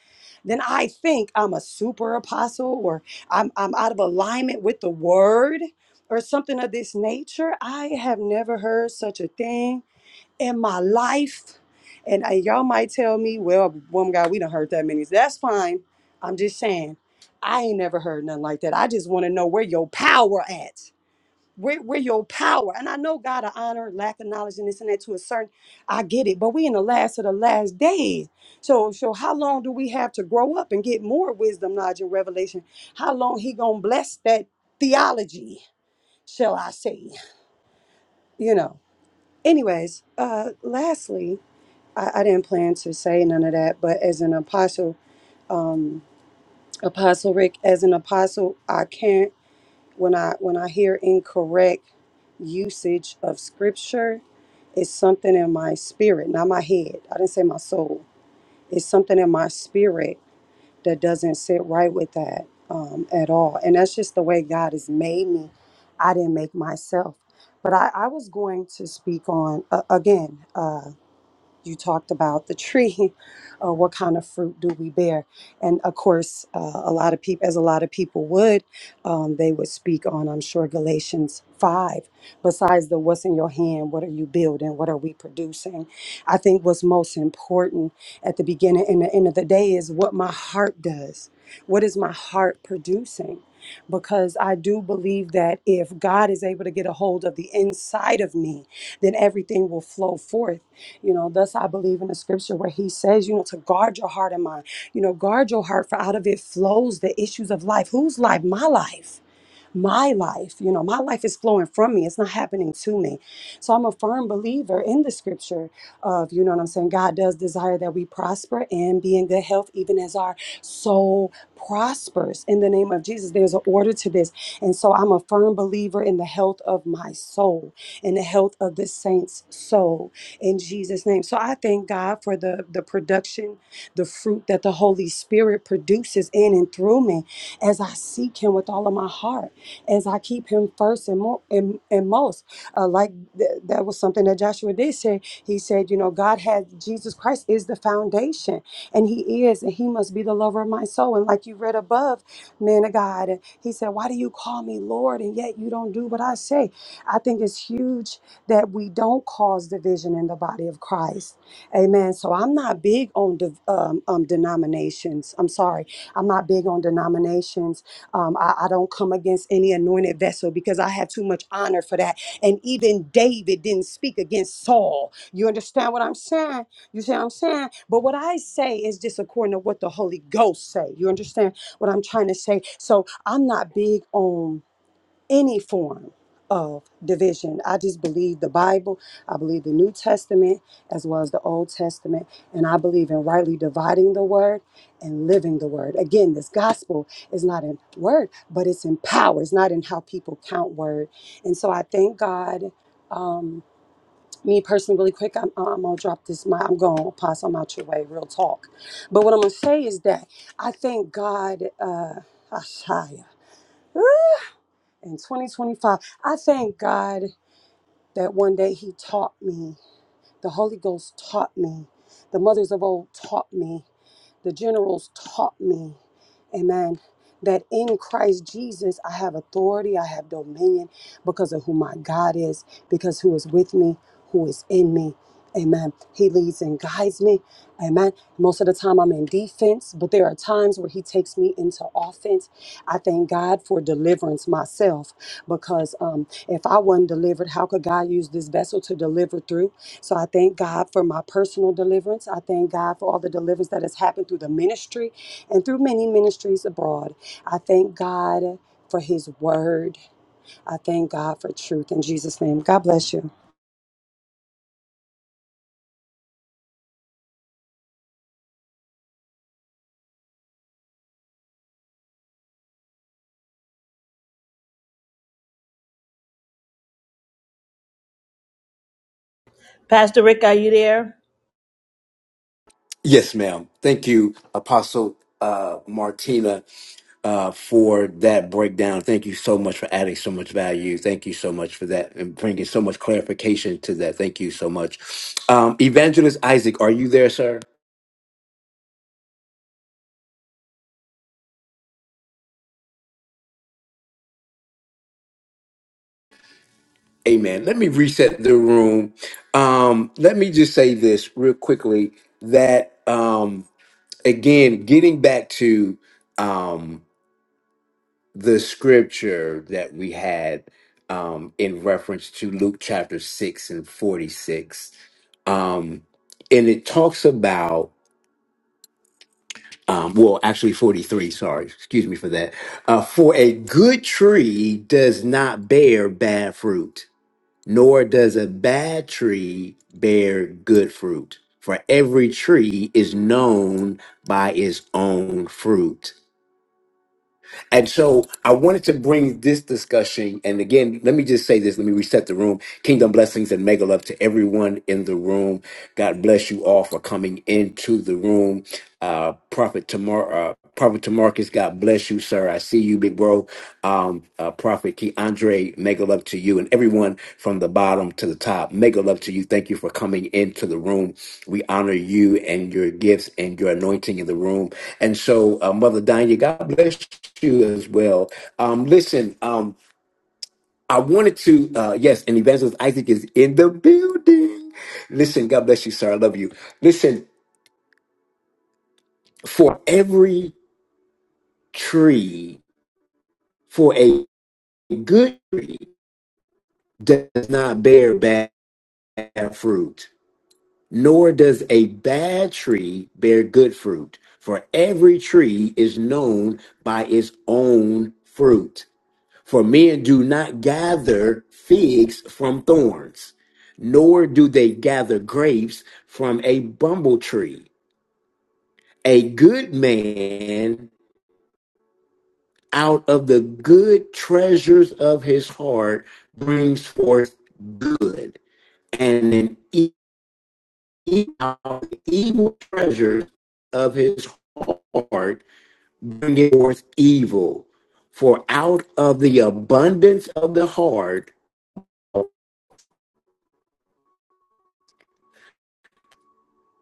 Speaker 4: then I think I'm a super apostle or I'm, I'm out of alignment with the word or something of this nature. I have never heard such a thing in my life. And uh, y'all might tell me, well, woman, God, we don't heard that many. That's fine. I'm just saying, I ain't never heard nothing like that. I just want to know where your power at. We're, we're your power. And I know God of honor, lack of knowledge, and this and that to a certain, I get it. But we in the last of the last days. So, so how long do we have to grow up and get more wisdom, knowledge, and revelation? How long he gonna bless that theology, shall I say? You know. Anyways, uh, lastly, I, I didn't plan to say none of that, but as an apostle, um, apostle Rick, as an apostle, I can't. when I when I hear incorrect usage of scripture, it's something in my spirit, not my head. I didn't say my soul. It's something in my spirit that doesn't sit right with that um, at all. And that's just the way God has made me. I didn't make myself. But I, I was going to speak on uh, again. uh, you talked about the tree uh, what kind of fruit do we bear and of course uh, a lot of people as a lot of people would um, they would speak on i'm sure galatians 5 besides the what's in your hand what are you building what are we producing i think what's most important at the beginning and the end of the day is what my heart does what is my heart producing because I do believe that if God is able to get a hold of the inside of me, then everything will flow forth you know, thus I believe in the scripture where he says, you know, to guard your heart and mind. You know, guard your heart, for out of it flows the issues of life. Whose life? My life my life. You know, my life is flowing from me, it's not happening to me. So I'm a firm believer in the scripture of, you know what I'm saying? God does desire that we prosper and be in good health, even as our soul prospers in the name of Jesus. There's an order to this. And so I'm a firm believer in the health of my soul and the health of the saints' soul in Jesus' name. So I thank God for the, the production, the fruit that the Holy Spirit produces in and through me as I seek Him with all of my heart as I keep him first and, mo- and, and most. Uh, like th- that was something that Joshua did say. He said, you know, God has Jesus Christ is the foundation, and He is, and He must be the lover of my soul. And like you read above, man of God, He said, why do you call me Lord, and yet you don't do what I say? I think it's huge that we don't cause division in the body of Christ. Amen. So I'm not big on div um, um, denominations. I'm sorry, I'm not big on denominations um, I, I don't come against any anointed vessel because I have too much honor for that. And even David didn't speak against Saul. You understand what I'm saying? You see what I'm saying? But what I say is just according to what the Holy Ghost say. You understand what I'm trying to say? So I'm not big on any form of division. I just believe the Bible, I believe the New Testament as well as the Old Testament, and I believe in rightly dividing the word and living the word. Again, this gospel is not in word, but it's in power. It's not in how people count word. And so I thank God. Um, me personally, really quick, I'm, uh, I'm gonna drop this. My, I'm going to pass. I'm out your way, real talk. But what I'm gonna say is that I thank God, uh, Ashaya in 2025. I thank God that one day He taught me the Holy Ghost taught me. The mothers of old taught me. The generals taught me. Amen. That in Christ Jesus I have authority, I have dominion because of who my God is, because who is with me, who is in me. Amen. He leads and guides me. Amen. Most of the time I'm in defense, but there are times where he takes me into offense. I thank God for deliverance myself because um, if I wasn't delivered, how could God use this vessel to deliver through? So I thank God for my personal deliverance. I thank God for all the deliverance that has happened through the ministry and through many ministries abroad. I thank God for his word. I thank God for truth in Jesus' name. God bless you.
Speaker 5: Pastor Rick, are you there?
Speaker 1: Yes, ma'am. Thank you, Apostle uh, Martina. uh, for that breakdown. Thank you so much for adding so much value. Thank you so much for that and bringing so much clarification to that. Thank you so much. Um, Evangelist Isaac, are you there, sir? Amen. Let me reset the room. Um, let me just say this real quickly that, um, again, getting back to. Um, the scripture that we had um, in reference to Luke chapter 6 and 46. Um, and it talks about, um, well, actually 43, sorry, excuse me for that. Uh, for a good tree does not bear bad fruit, nor does a bad tree bear good fruit. For every tree is known by its own fruit. And so I wanted to bring this discussion. And again, let me just say this. Let me reset the room. Kingdom blessings and mega love to everyone in the room. God bless you all for coming into the room. Uh, Prophet Tamar, uh, Prophet Tamarcus, God bless you, sir. I see you, big bro um, uh, Prophet Key Andre, mega love to you and everyone from the bottom to the top. Mega love to you. Thank you for coming into the room. We honor you and your gifts and your anointing in the room. And so, uh, Mother Diana, God bless you as well. Um, listen, um, I wanted to, uh, yes, and Evangelist Isaac is in the building. Listen, God bless you, sir. I love you. Listen, for every tree, for a good tree, does not bear bad bear fruit, nor does a bad tree bear good fruit. For every tree is known by its own fruit. For men do not gather figs from thorns, nor do they gather grapes from a bumble tree. A good man out of the good treasures of his heart brings forth good, and an eat out the evil treasures of his heart, bringing forth evil. For out of the abundance of the heart,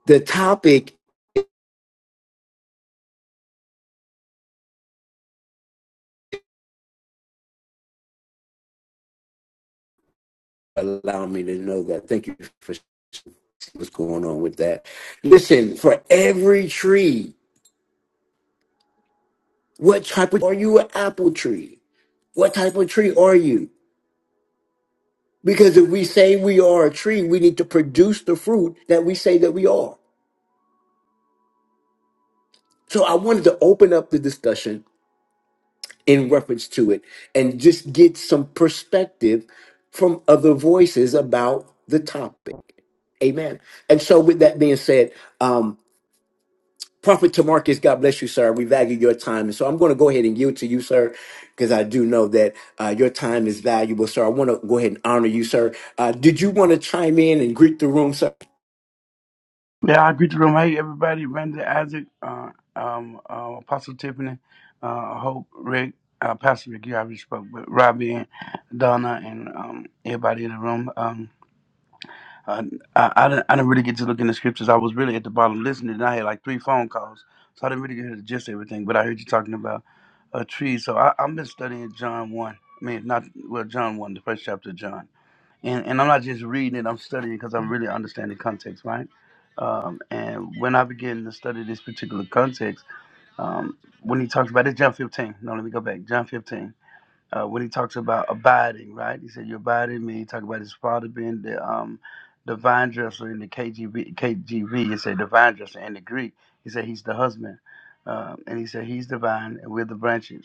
Speaker 1: the topic, allow me to know that. Thank you for what's going on with that. Listen, for every tree, what type of, are you an apple tree? What type of tree are you? Because if we say we are a tree, we need to produce the fruit that we say that we are. So I wanted to open up the discussion in reference to it and just get some perspective from other voices about the topic. Amen. And so, with that being said, um, Prophet Tamarcus, God bless you, sir. We value your time. And so, I'm going to go ahead and yield to you, sir, because I do know that uh, your time is valuable, sir. I want to go ahead and honor you, sir. Uh, did you want to chime in and greet the room, sir?
Speaker 6: Yeah, I greet the room. Hey, everybody. Brandon Isaac, uh, um, uh, Apostle Tiffany, uh, Hope, Rick, uh, Pastor Rick, you already spoke, but Robbie and Donna and um, everybody in the room. Um, uh, I, I, didn't, I didn't really get to look in the scriptures. I was really at the bottom listening, and I had like three phone calls. So I didn't really get to gist everything, but I heard you talking about a tree. So I, I've been studying John 1. I mean, not, well, John 1, the first chapter of John and and I'm not just reading it; I'm studying because I'm really understanding context, right? Um, and when I begin to study this particular context, um, when he talks about it, John 15. No, let me go back. John 15. Uh, when he talks about abiding, right? He said, "You abide in me." He talked about his father being the um, the vine dresser in the KGV. KGV. He said, "The vine dresser." In the Greek, he said, "He's the husband," um, and he said, "He's the vine, and we're the branches."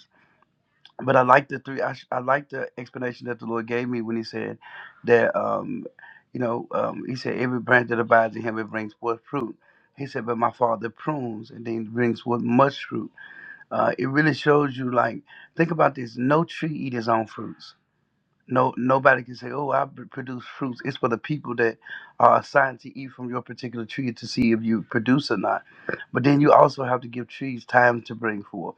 Speaker 6: but I like the three. I, sh- I like the explanation that the Lord gave me when He said that, um, you know, um, He said every branch that abides in Him it brings forth fruit. He said, but my Father prunes and then brings forth much fruit. Uh, it really shows you, like, think about this: no tree eat his own fruit. No, nobody can say, "Oh, I pr- produce fruits." It's for the people that are assigned to eat from your particular tree to see if you produce or not. But then you also have to give trees time to bring forth.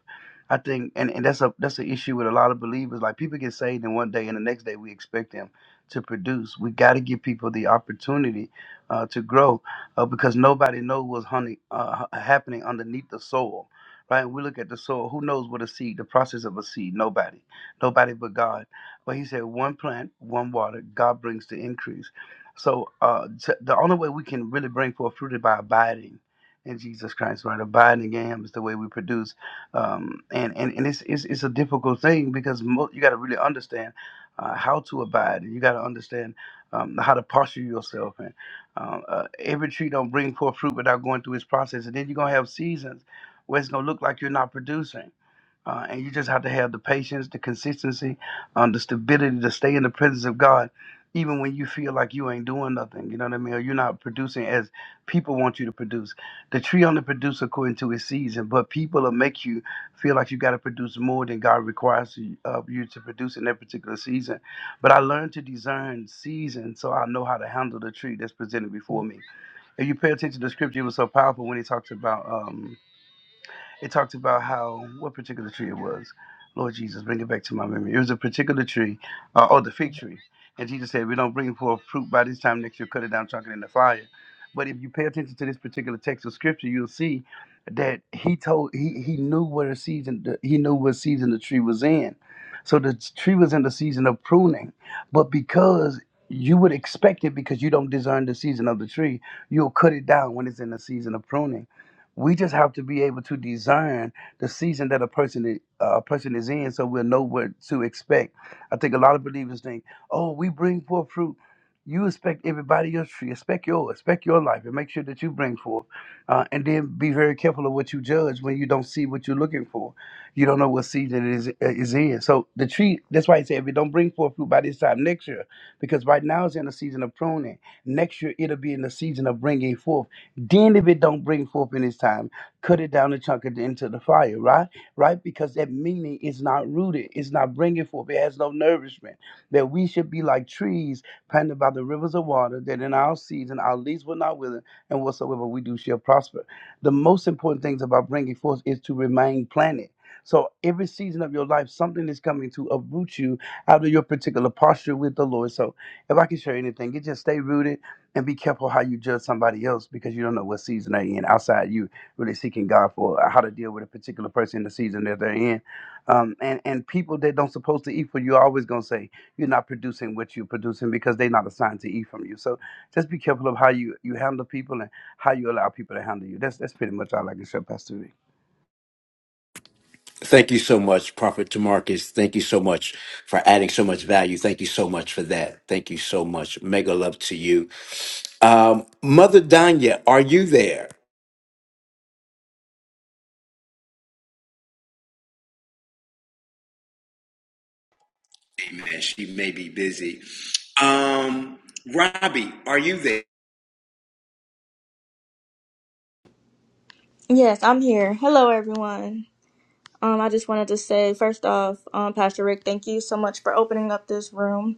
Speaker 6: I think, and, and that's a that's an issue with a lot of believers. Like people get saved in one day, and the next day we expect them to produce. We got to give people the opportunity uh, to grow, uh, because nobody knows what's honey, uh, h- happening underneath the soil. Right? We look at the soil. Who knows what a seed? The process of a seed. Nobody. Nobody but God. But he said, one plant, one water, God brings the increase. So uh, t- the only way we can really bring forth fruit is by abiding in Jesus Christ, right? Abiding in Him is the way we produce. Um, and and, and it's, it's, it's a difficult thing because mo- you got to really understand uh, how to abide. You got to understand um, how to posture yourself. And uh, uh, every tree don't bring forth fruit without going through its process. And then you're going to have seasons where it's going to look like you're not producing uh, and you just have to have the patience, the consistency, um, the stability to stay in the presence of God, even when you feel like you ain't doing nothing. You know what I mean? Or you're not producing as people want you to produce. The tree only produces according to its season, but people will make you feel like you got to produce more than God requires you- of you to produce in that particular season. But I learned to discern season, so I know how to handle the tree that's presented before me. If you pay attention to the scripture, it was so powerful when he talks about. Um, it talked about how what particular tree it was. Lord Jesus, bring it back to my memory. It was a particular tree, uh, oh, the fig tree. And Jesus said, "We don't bring forth fruit by this time next year. Cut it down, chuck it in the fire." But if you pay attention to this particular text of scripture, you'll see that he told he he knew what a season the, he knew what season the tree was in. So the tree was in the season of pruning, but because you would expect it because you don't discern the season of the tree, you'll cut it down when it's in the season of pruning. We just have to be able to design the season that a person i- uh, a person is in, so we'll know what to expect. I think a lot of believers think, "Oh, we bring forth fruit." You expect everybody else tree, expect yours, expect your life, and make sure that you bring forth, uh, and then be very careful of what you judge when you don't see what you're looking for. You don't know what season it is uh, is in. So the tree, that's why he said, if it don't bring forth fruit by this time next year, because right now it's in a season of pruning. Next year it'll be in the season of bringing forth then if it don't bring forth in its time, cut it down and chunk it into the fire, right? Right? Because that meaning is not rooted. It's not bringing forth. It has no nourishment. That we should be like trees planted by the rivers of water, that in our season our leaves will not wither, and whatsoever we do shall prosper. The most important things about bringing forth is to remain planted. So every season of your life, something is coming to uproot you out of your particular posture with the Lord. So if I can share anything, it just stay rooted and be careful how you judge somebody else because you don't know what season they're in. Outside, you really seeking God for uh, how to deal with a particular person in the season that they're in, um, and and people that don't supposed to eat for you are always gonna say you're not producing what you're producing because they're not assigned to eat from you. So just be careful of how you you handle people and how you allow people to handle you. That's that's pretty much all I can say, Pastor. Vic.
Speaker 1: Thank you so much, Prophet Tamarcus. Thank you so much for adding so much value. Thank you so much for that. Thank you so much. Mega love to you. Um, Mother Danya, are you there? Amen. She may be busy. Um, Robbie, are you there?
Speaker 7: Yes, I'm here. Hello, everyone. Um, I just wanted to say, first off, um, Pastor Rick, thank you so much for opening up this room.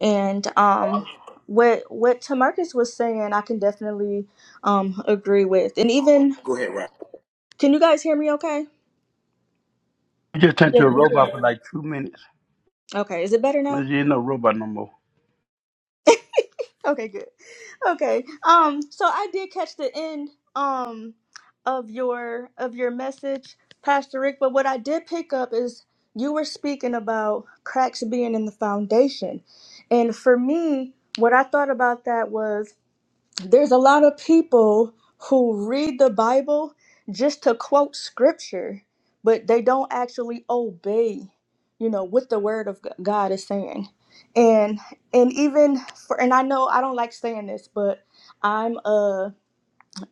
Speaker 7: And um, what what Tamarcus was saying, I can definitely um agree with. And even,
Speaker 1: Go ahead, Robbie.
Speaker 7: can you guys hear me? Okay.
Speaker 6: You just turned to a robot for like two minutes.
Speaker 7: Okay. Is it better now?
Speaker 6: You ain't no robot no more.
Speaker 7: Okay. Good. okay. Um, so I did catch the end um of your of your message, Pastor Rick, but what I did pick up is you were speaking about cracks being in the foundation. And for me, what I thought about that was there's a lot of people who read the Bible just to quote scripture, but they don't actually obey, you know, what the word of G- God is saying. And and even for and I know I don't like saying this, but I'm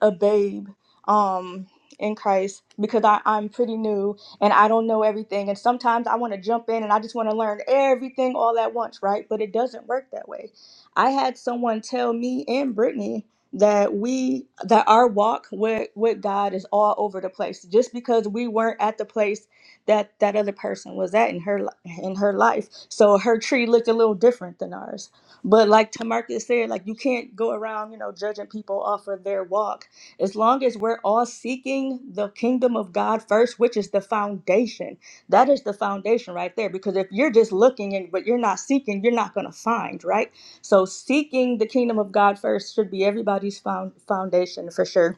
Speaker 7: a babe um in Christ because I, I'm pretty new and I don't know everything. And sometimes I want to jump in and I just want to learn everything all at once, right? But it doesn't work that way. I had someone tell me and Brittany that we that our walk with with God is all over the place just because we weren't at the place that that other person was at in her li- in her life so her tree looked a little different than ours but like Tamarcus said like you can't go around you know judging people off of their walk as long as we're all seeking the kingdom of God first, which is the foundation, that is the foundation right there. Because if you're just looking and but you're not seeking, you're not going to find, right? So seeking the kingdom of God first should be everybody's found foundation for sure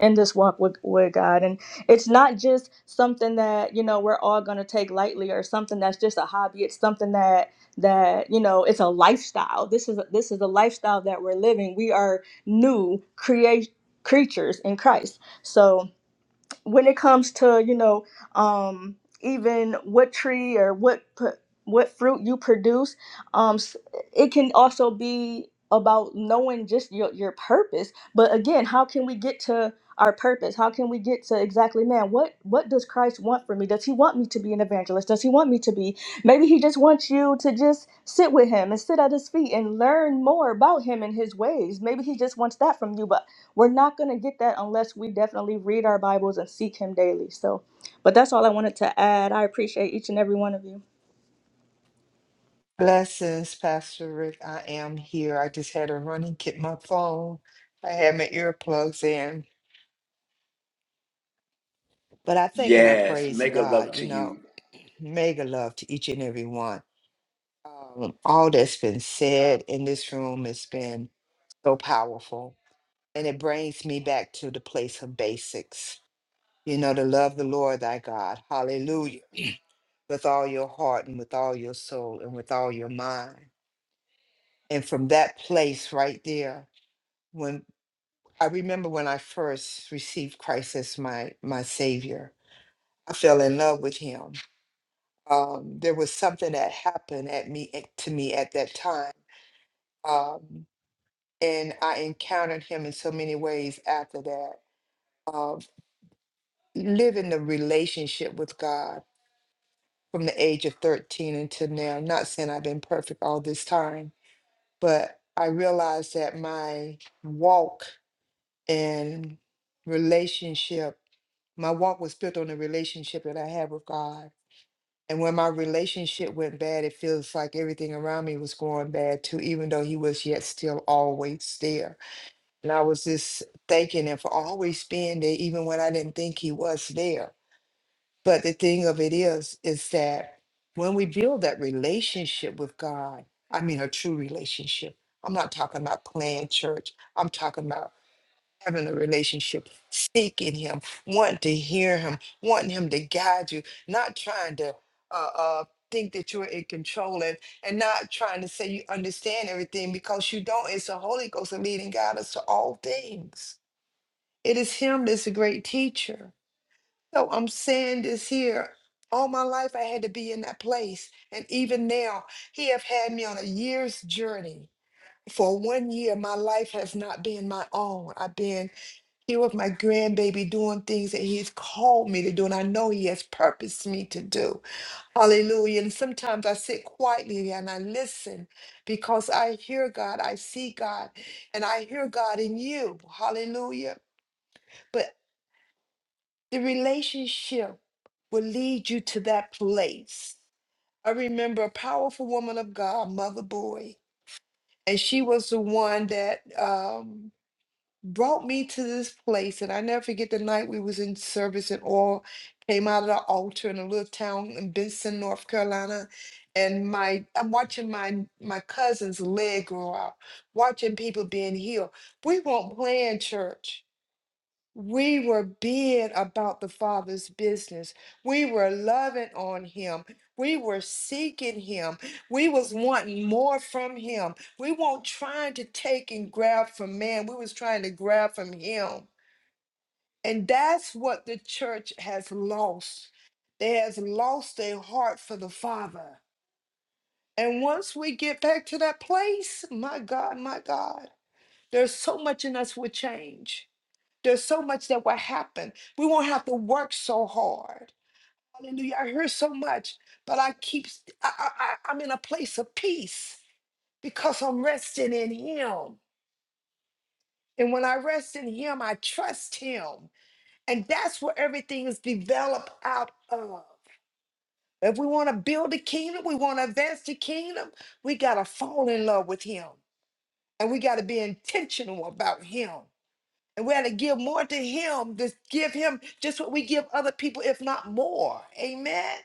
Speaker 7: in this walk with, with God. And it's not just something that, you know, we're all gonna take lightly or something that's just a hobby. It's something that that, you know, it's a lifestyle. This is this is a lifestyle that we're living. We are new create creatures in Christ. So when it comes to you know um even what tree or what pr- what fruit you produce um s- it can also be about knowing just your, your purpose but again how can we get to our purpose how can we get to exactly man what what does christ want from me does he want me to be an evangelist does he want me to be maybe he just wants you to just sit with him and sit at his feet and learn more about him and his ways maybe he just wants that from you but we're not going to get that unless we definitely read our Bibles and seek Him daily. So, but that's all I wanted to add. I appreciate each and every one of you.
Speaker 3: Blessings, Pastor Rick. I am here. I just had to run and get my phone. I had my earplugs in, but I think and I
Speaker 1: Yes.
Speaker 3: praise
Speaker 1: Mega
Speaker 3: God.
Speaker 1: love
Speaker 3: You
Speaker 1: to
Speaker 3: know,
Speaker 1: you.
Speaker 3: mega love to each and every one. Um, all that's been said in this room has been so powerful, and it brings me back to the place of basics. You know, to love the Lord thy God, hallelujah, with all your heart and with all your soul and with all your mind. And from that place right there, when I remember when I first received Christ as my my Savior, I fell in love with Him. Um, there was something that happened at me at- to me at that time, um, and I encountered Him in so many ways after that. Um, living the relationship with God from the age of thirteen until now. Not saying I've been perfect all this time, but I realized that my walk and relationship My walk was built on the relationship that I had with God. And when my relationship went bad, it feels like everything around me was going bad too, even though He was yet still always there. And I was just thanking Him for always being there, even when I didn't think He was there. But the thing of it is, is that when we build that relationship with God, I mean a true relationship. I'm not talking about playing church. I'm talking about having a relationship, seeking Him, wanting to hear Him, wanting Him to guide you, not trying to uh, uh, think that you're in control and, and not trying to say you understand everything because you don't. It's the Holy Ghost that leading guide us to all things. It is Him that's a great teacher. So I'm saying this here. All my life I had to be in that place. And even now, he have had me on a year's journey. For one year, my life has not been my own. I've been here with my grandbaby doing things that he's called me to do, and I know he has purposed me to do. Hallelujah. And sometimes I sit quietly and I listen because I hear God, I see God, and I hear God in you. Hallelujah. But the relationship will lead you to that place. I remember a powerful woman of God, Mother Boy, and she was the one that um, brought me to this place and i never forget the night we was in service and all came out of the altar in a little town in benson north carolina and my i'm watching my my cousin's leg grow out watching people being healed we weren't playing church we were being about the Father's business. We were loving on him. We were seeking him. We was wanting more from him. We weren't trying to take and grab from man. We was trying to grab from him. And that's what the church has lost. They has lost their heart for the Father. And once we get back to that place, my God, my God, there's so much in us will change there's so much that will happen. We won't have to work so hard. Hallelujah. I hear so much, but I keep, I, I, I- I'm in a place of peace because I'm resting in Him. And when I rest in Him, I trust Him. And that's where everything is developed out of. If we want to build the kingdom, we want to advance the kingdom, we got to fall in love with Him. And we got to be intentional about Him. And we had to give more to him, to give him just what we give other people, if not more. Amen.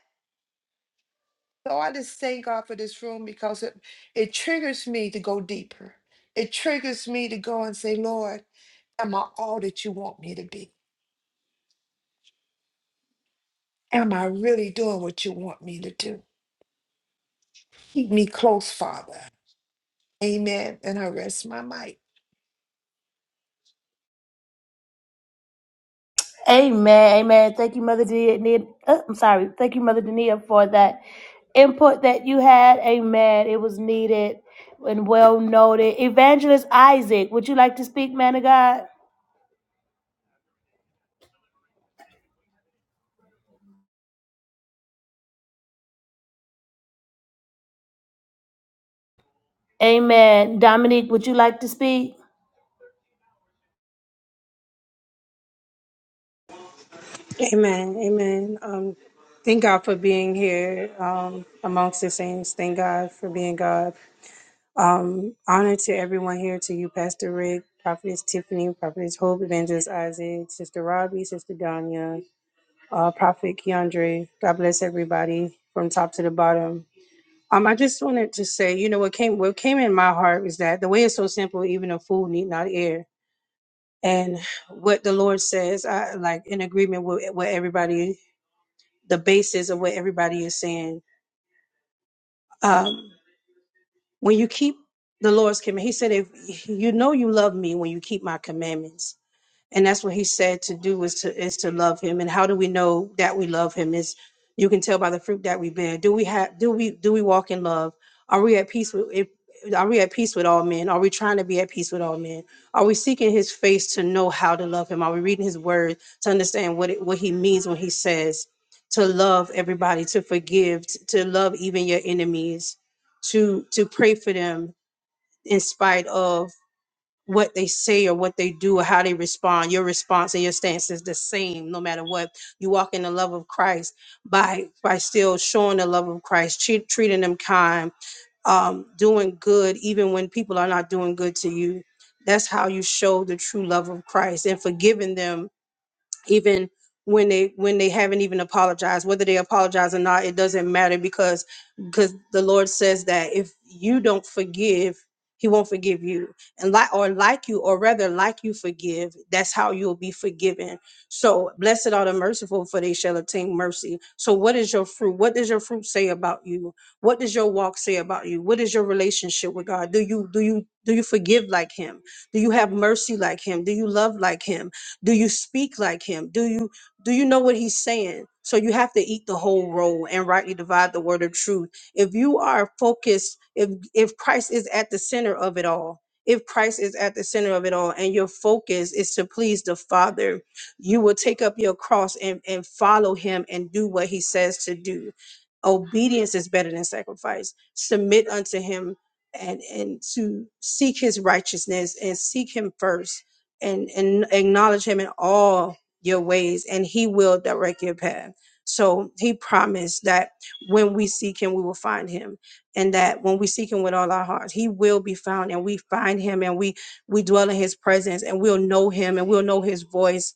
Speaker 3: So I just thank God for this room because it, it triggers me to go deeper. It triggers me to go and say, Lord, am I all that you want me to be? Am I really doing what you want me to do? Keep me close, Father. Amen. And I rest my mic.
Speaker 5: Amen. Amen. Thank you, Mother Denia. Uh, I'm sorry. Thank you, Mother Denia, for that input that you had. Amen. It was needed and well noted. Evangelist Isaac, would you like to speak, man of God? Amen. Dominique, would you like to speak?
Speaker 8: Amen. Amen. Um, thank God for being here um, amongst the saints. Thank God for being God. Um, honor to everyone here, to you, Pastor Rick, Prophetess Tiffany, Prophetess Hope, Evangelist Isaac, Sister Robbie, Sister Danya, uh, Prophet Keandre. God bless everybody from top to the bottom. Um, I just wanted to say, you know, what came what came in my heart was that the way is so simple, even a fool need not err. And what the Lord says, I like in agreement with what everybody the basis of what everybody is saying. Um, when you keep the Lord's command, He said, "If you know you love Me, when you keep My commandments." and that's what he said to do is to is to love him and how do we know that we love him is you can tell by the fruit that we bear do we have do we do we walk in love are we at peace with if, are we at peace with all men are we trying to be at peace with all men are we seeking his face to know how to love him are we reading his word to understand what it, what he means when he says to love everybody to forgive t- to love even your enemies to to pray for them in spite of what they say or what they do or how they respond. Your response and your stance is the same no matter what. You walk in the love of Christ by by still showing the love of Christ, treat, treating them kind, um, doing good even when people are not doing good to you. That's how you show the true love of Christ and forgiving them even when they when they haven't even apologized whether they apologize or not it doesn't matter because because the lord says that if you don't forgive he won't forgive you and like or like you or rather like you forgive that's how you'll be forgiven so blessed are the merciful for they shall obtain mercy so what is your fruit what does your fruit say about you what does your walk say about you what is your relationship with god do you do you do you forgive like him do you have mercy like him do you love like him do you speak like him do you do you know what he's saying so you have to eat the whole roll and rightly divide the word of truth if you are focused if if christ is at the center of it all if christ is at the center of it all and your focus is to please the father you will take up your cross and and follow him and do what he says to do obedience is better than sacrifice submit unto him and and to seek his righteousness and seek him first and and acknowledge him in all your ways and he will direct your path so he promised that when we seek him we will find him and that when we seek him with all our hearts he will be found and we find him and we we dwell in his presence and we'll know him and we'll know his voice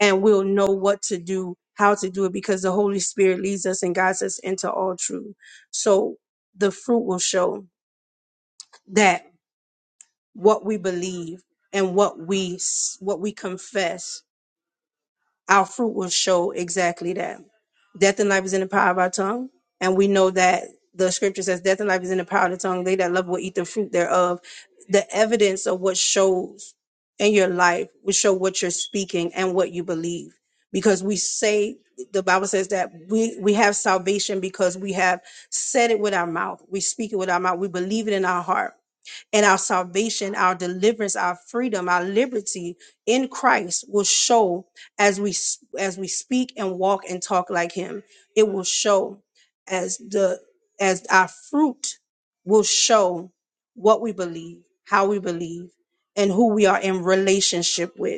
Speaker 8: and we'll know what to do how to do it because the holy spirit leads us and guides us into all truth so the fruit will show that what we believe and what we s- what we confess our fruit will show exactly that. Death and life is in the power of our tongue. And we know that the scripture says death and life is in the power of the tongue. They that love will eat the fruit thereof. The evidence of what shows in your life will show what you're speaking and what you believe. Because we say the Bible says that we, we have salvation because we have said it with our mouth. We speak it with our mouth. We believe it in our heart and our salvation, our deliverance, our freedom, our liberty in Christ will show as we s- as we speak and walk and talk like him. It will show as the as our fruit will show what we believe, how we believe, and who we are in relationship with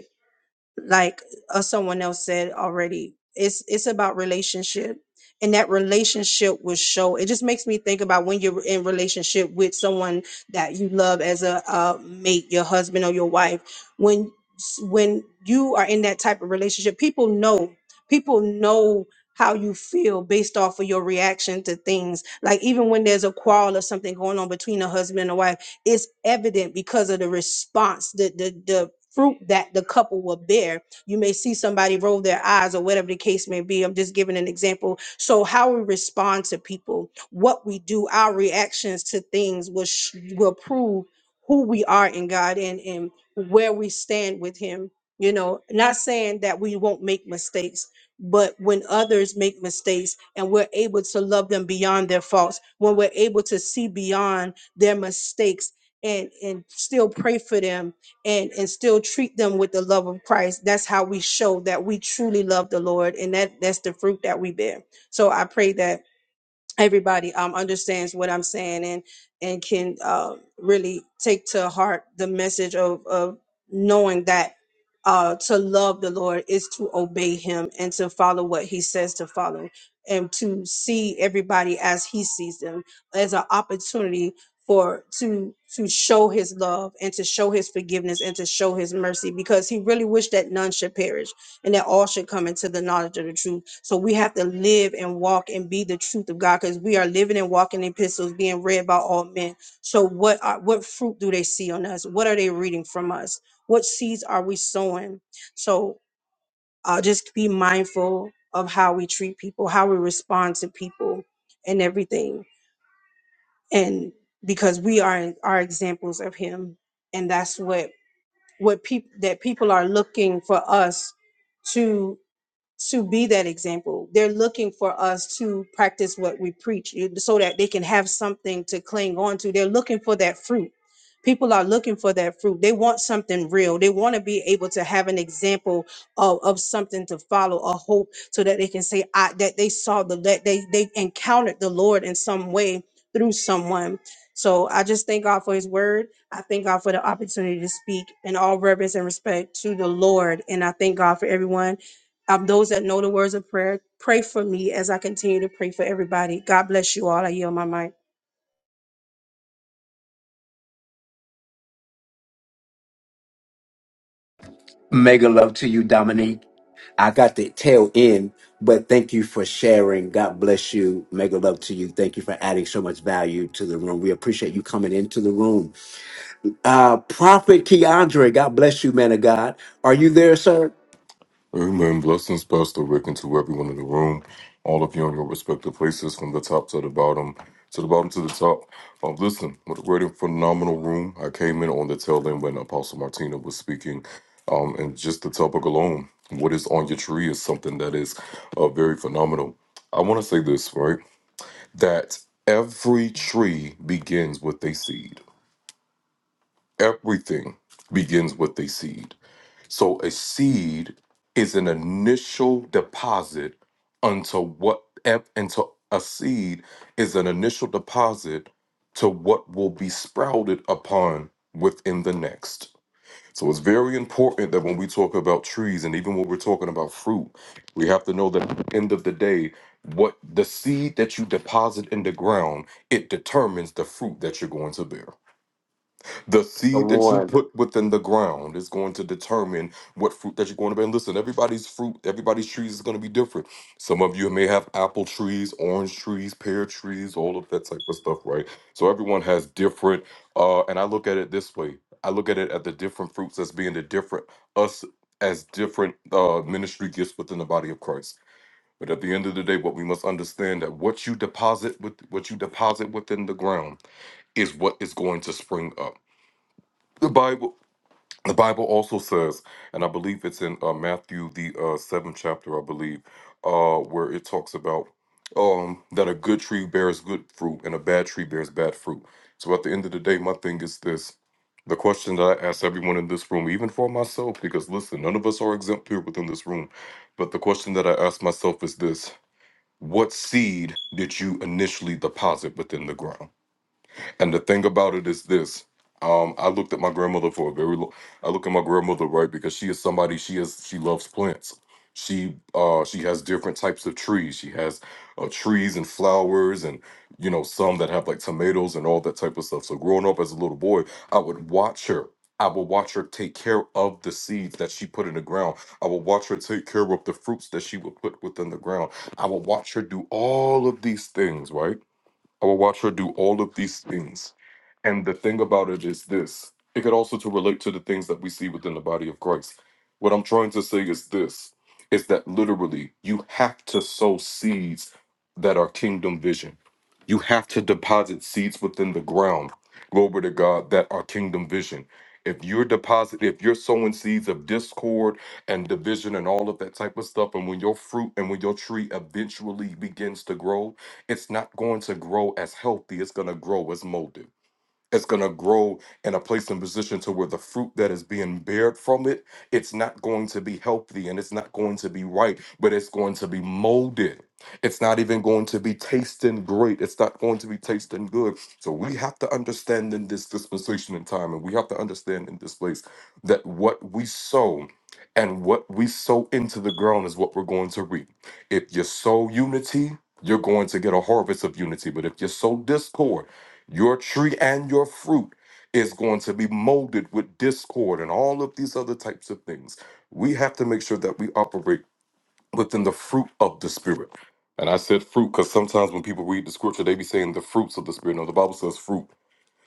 Speaker 8: like uh, someone else said already it's it's about relationship and that relationship will show it just makes me think about when you're in relationship with someone that you love as a, uh mate your husband or your wife when when you are in that type of relationship people know people know how you feel based off of your reaction to things like even when there's a quarrel or something going on between a husband and a wife it's evident because of the response, the the the fruit that the couple will bear. You may see somebody roll their eyes or whatever the case may be. I'm just giving an example. So how we respond to people, what we do, our reactions to things will sh- will prove who we are in God and and where we stand with Him. You know, not saying that we won't make mistakes, but when others make mistakes and we're able to love them beyond their faults, when we're able to see beyond their mistakes and and still pray for them and and still treat them with the love of Christ. That's how we show that we truly love the Lord and that that's the fruit that we bear. So I pray that everybody um, understands what I'm saying and and can uh, really take to heart the message of of knowing that uh, to love the Lord is to obey Him and to follow what He says to follow and to see everybody as He sees them as an opportunity for to to show his love and to show his forgiveness and to show his mercy because he really wished that none should perish and that all should come into the knowledge of the truth. So we have to live and walk and be the truth of God because we are living and walking epistles being read by all men. So what are, what fruit do they see on us? What are they reading from us? What seeds are we sowing? So uh, just be mindful of how we treat people, how we respond to people, and everything. And because we are are examples of Him, and that's what what people that people are looking for us to to be that example. They're looking for us to practice what we preach eh, so that they can have something to cling on to. They're looking for that fruit. People are looking for that fruit. They want something real. They want to be able to have an example of, of something to follow, a hope, so that they can say I, that they saw the that they they encountered the Lord in some way through someone. So I just thank God for His Word. I thank God for the opportunity to speak in all reverence and respect to the Lord, and I thank God for everyone um, those that know the words of prayer, pray for me as I continue to pray for everybody. God bless you all. I yield my mic.
Speaker 1: Mega love to you, Dominique. I got the tail end, but thank you for sharing. God bless you. Mega love to you. Thank you for adding so much value to the room. We appreciate you coming into the room Uh, Prophet Keandre, God bless you, man of God. Are you there, sir?
Speaker 9: Amen. Blessings, Pastor Rick, and to everyone in the room, all of you on your respective places, from the top to the bottom, to the bottom to the top. Um, listen, what a great and phenomenal room. I came in on the tail end when Apostle Martina was speaking, um, and just the topic alone, what is on your tree, is something that is uh, very phenomenal. I want to say this, right? That every tree begins with a seed. Everything begins with a seed. So a seed is an initial deposit unto what ep- into a seed is an initial deposit to what will be sprouted upon within the next. So it's very important that when we talk about trees and even when we're talking about fruit, we have to know that at the end of the day, what the seed that you deposit in the ground, it determines the fruit that you're going to bear. The seed
Speaker 1: Come
Speaker 9: that you
Speaker 1: on.
Speaker 9: put within the ground is going to determine what fruit that you're going to bear. And listen, everybody's fruit, everybody's trees is going to be different. Some of you may have apple trees, orange trees, pear trees, all of that type of stuff, right? So everyone has different. Uh, and I look at it this way: I look at it at the different fruits as being the different us as different uh, ministry gifts within the body of Christ. But at the end of the day, what we must understand that what you deposit with what you deposit within the ground is what is going to spring up. The Bible. The Bible also says, and I believe it's in uh, Matthew the uh, seventh chapter, I believe, uh, where it talks about um, that a good tree bears good fruit and a bad tree bears bad fruit. So at the end of the day, my thing is this: the question that I ask everyone in this room, even for myself, because listen, none of us are exempt here within this room, but the question that I ask myself is this: What seed did you initially deposit within the ground? And the thing about it is this. Um, I looked at my grandmother for a very long I look at my grandmother, right, because she is somebody she is she loves plants. She uh she has different types of trees. She has uh, trees and flowers and you know some that have like tomatoes and all that type of stuff. So growing up as a little boy, I would watch her. I would watch her take care of the seeds that she put in the ground. I would watch her take care of the fruits that she would put within the ground. I would watch her do all of these things, right? I would watch her do all of these things and the thing about it is this it could also to relate to the things that we see within the body of Christ. What I'm trying to say is this is that literally you have to sow seeds that are kingdom vision. You have to deposit seeds within the ground, glory to God, that are kingdom vision. If you're deposit, if you're sowing seeds of discord and division and all of that type of stuff, and when your fruit and when your tree eventually begins to grow, it's not going to grow as healthy. It's going to grow as molded. It's going to grow in a place and position to where the fruit that is being bared from it, it's not going to be healthy and it's not going to be right, but it's going to be molded. It's not even going to be tasting great. It's not going to be tasting good. So we have to understand in this dispensation in time, and we have to understand in this place that what we sow and what we sow into the ground is what we're going to reap. If you sow unity, you're going to get a harvest of unity. But if you sow discord, your tree and your fruit is going to be molded with discord and all of these other types of things. We have to make sure that we operate within the fruit of the Spirit. And I said fruit because sometimes when people read the scripture, they be saying the fruits of the Spirit. No, the Bible says fruit.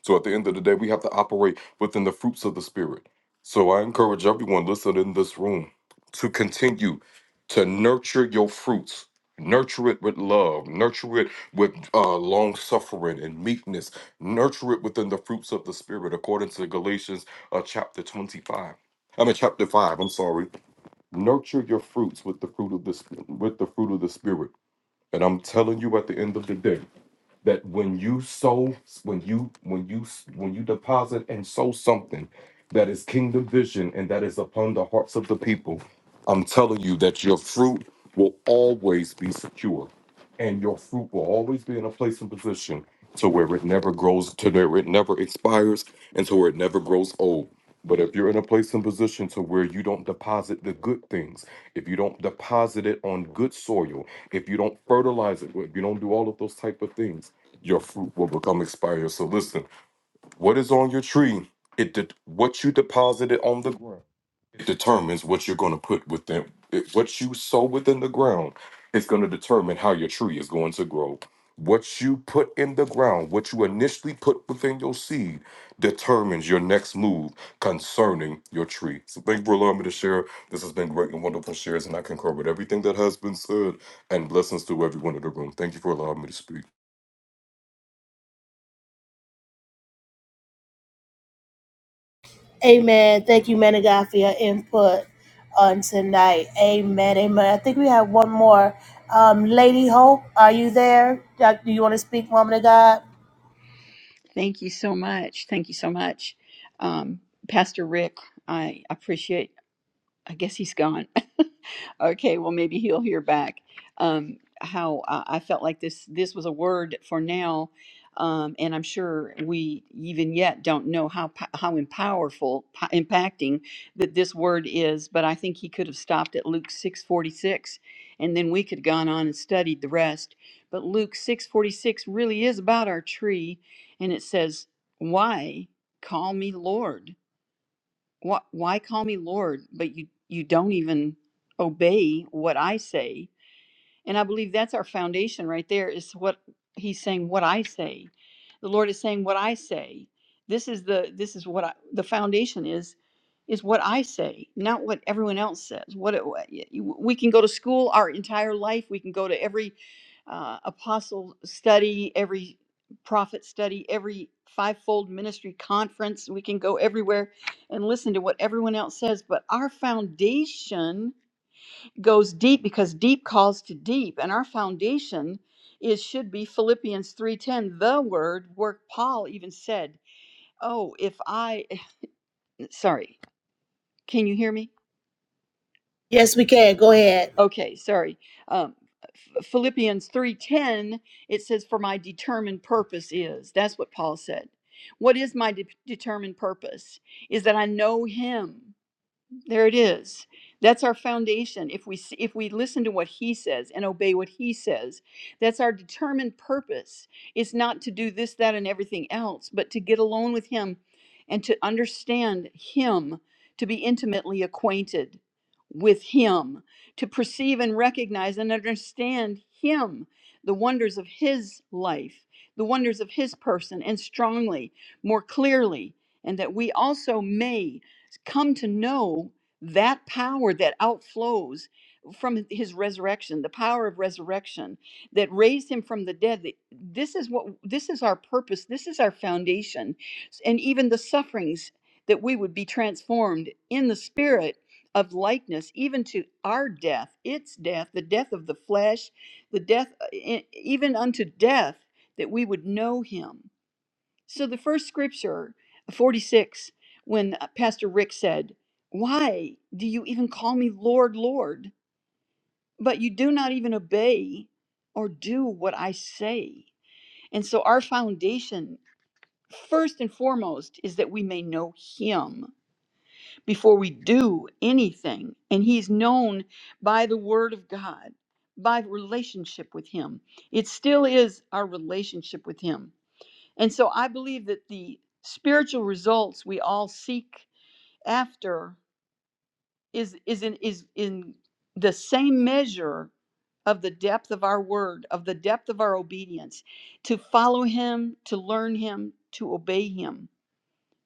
Speaker 9: So at the end of the day, we have to operate within the fruits of the Spirit. So I encourage everyone listening in this room to continue to nurture your fruits. Nurture it with love, nurture it with uh, long suffering and meekness, nurture it within the fruits of the Spirit, according to Galatians uh, chapter 25. I mean, chapter 5, I'm sorry. Nurture your fruits with the fruit of the, sp- with the fruit of the Spirit. And I'm telling you at the end of the day, that when you sow, when you when you when you deposit and sow something that is kingdom vision and that is upon the hearts of the people, I'm telling you that your fruit will always be secure, and your fruit will always be in a place and position to where it never grows, to where it never expires, and to where it never grows old. But if you're in a place and position to where you don't deposit the good things, if you don't deposit it on good soil, if you don't fertilize it, if you don't do all of those type of things your fruit will become expired. So listen, what is on your tree, it de- what you deposited on the ground, it determines what you're going to put within. It, what you sow within the ground is going to determine how your tree is going to grow. What you put in the ground, what you initially put within your seed, determines your next move concerning your tree. So thank you for allowing me to share. This has been great and wonderful shares, and I concur with everything that has been said. And blessings to everyone in the room. Thank you for allowing me to speak.
Speaker 5: Amen. Thank you, man of God, for your input on tonight. Amen. Amen. I think we have one more. Um, Lady Hope, are you there? Doc- Do you want to speak, woman of God?
Speaker 10: Thank you so much. Thank you so much, um, Pastor Rick. I appreciate I guess he's gone. okay, well maybe he'll hear back. Um, how I, I felt like this this was a word for now, um, and I'm sure we even yet don't know how po- how empowerful, po- impacting that this word is. But I think he could have stopped at Luke 6:46, and then we could have gone on and studied the rest. But Luke 6:46 really is about our tree, and it says, "Why call me Lord?" Why, why call me Lord, but you, you don't even obey what I say? And I believe that's our foundation right there is what he's saying, what I say. The Lord is saying what I say. This is the this is what I, the foundation is is what I say, not what everyone else says. What it, what- we can go to school our entire life, we can go to every uh, apostle study, every prophet study, every fivefold ministry conference. We can go everywhere and listen to what everyone else says, but our foundation goes deep because deep calls to deep and our foundation is should be philippians 3.10 the word work paul even said oh if i sorry can you hear me
Speaker 5: Yes, we can. Go ahead.
Speaker 10: okay sorry um, Ph- philippians 3.10 it says for my determined purpose is that's what paul said what is my de- determined purpose is that i know him There it is. That's our foundation. If we s- if we listen to what he says and obey what he says, that's our determined purpose. It's not to do this, that, and everything else, but to get alone with him and to understand him, to be intimately acquainted with him, to perceive and recognize and understand him, the wonders of his life, the wonders of his person, and strongly, more clearly, and that we also may come to know that power that outflows from his resurrection the power of resurrection that raised him from the dead that this is what this is our purpose this is our foundation and even the sufferings that we would be transformed in the spirit of likeness even to our death its death the death of the flesh the death uh, e- even unto death that we would know him so the first scripture, uh, 46, when uh, Pastor Rick said, Why do you even call me Lord, Lord? But you do not even obey or do what I say. And so our foundation, first and foremost, is that we may know Him before we do anything. And He's known by the Word of God, by relationship with Him. It still is our relationship with Him and so I believe that the spiritual results we all seek after is is in is in the same measure of the depth of our word, of the depth of our obedience, to follow him, to learn him, to obey him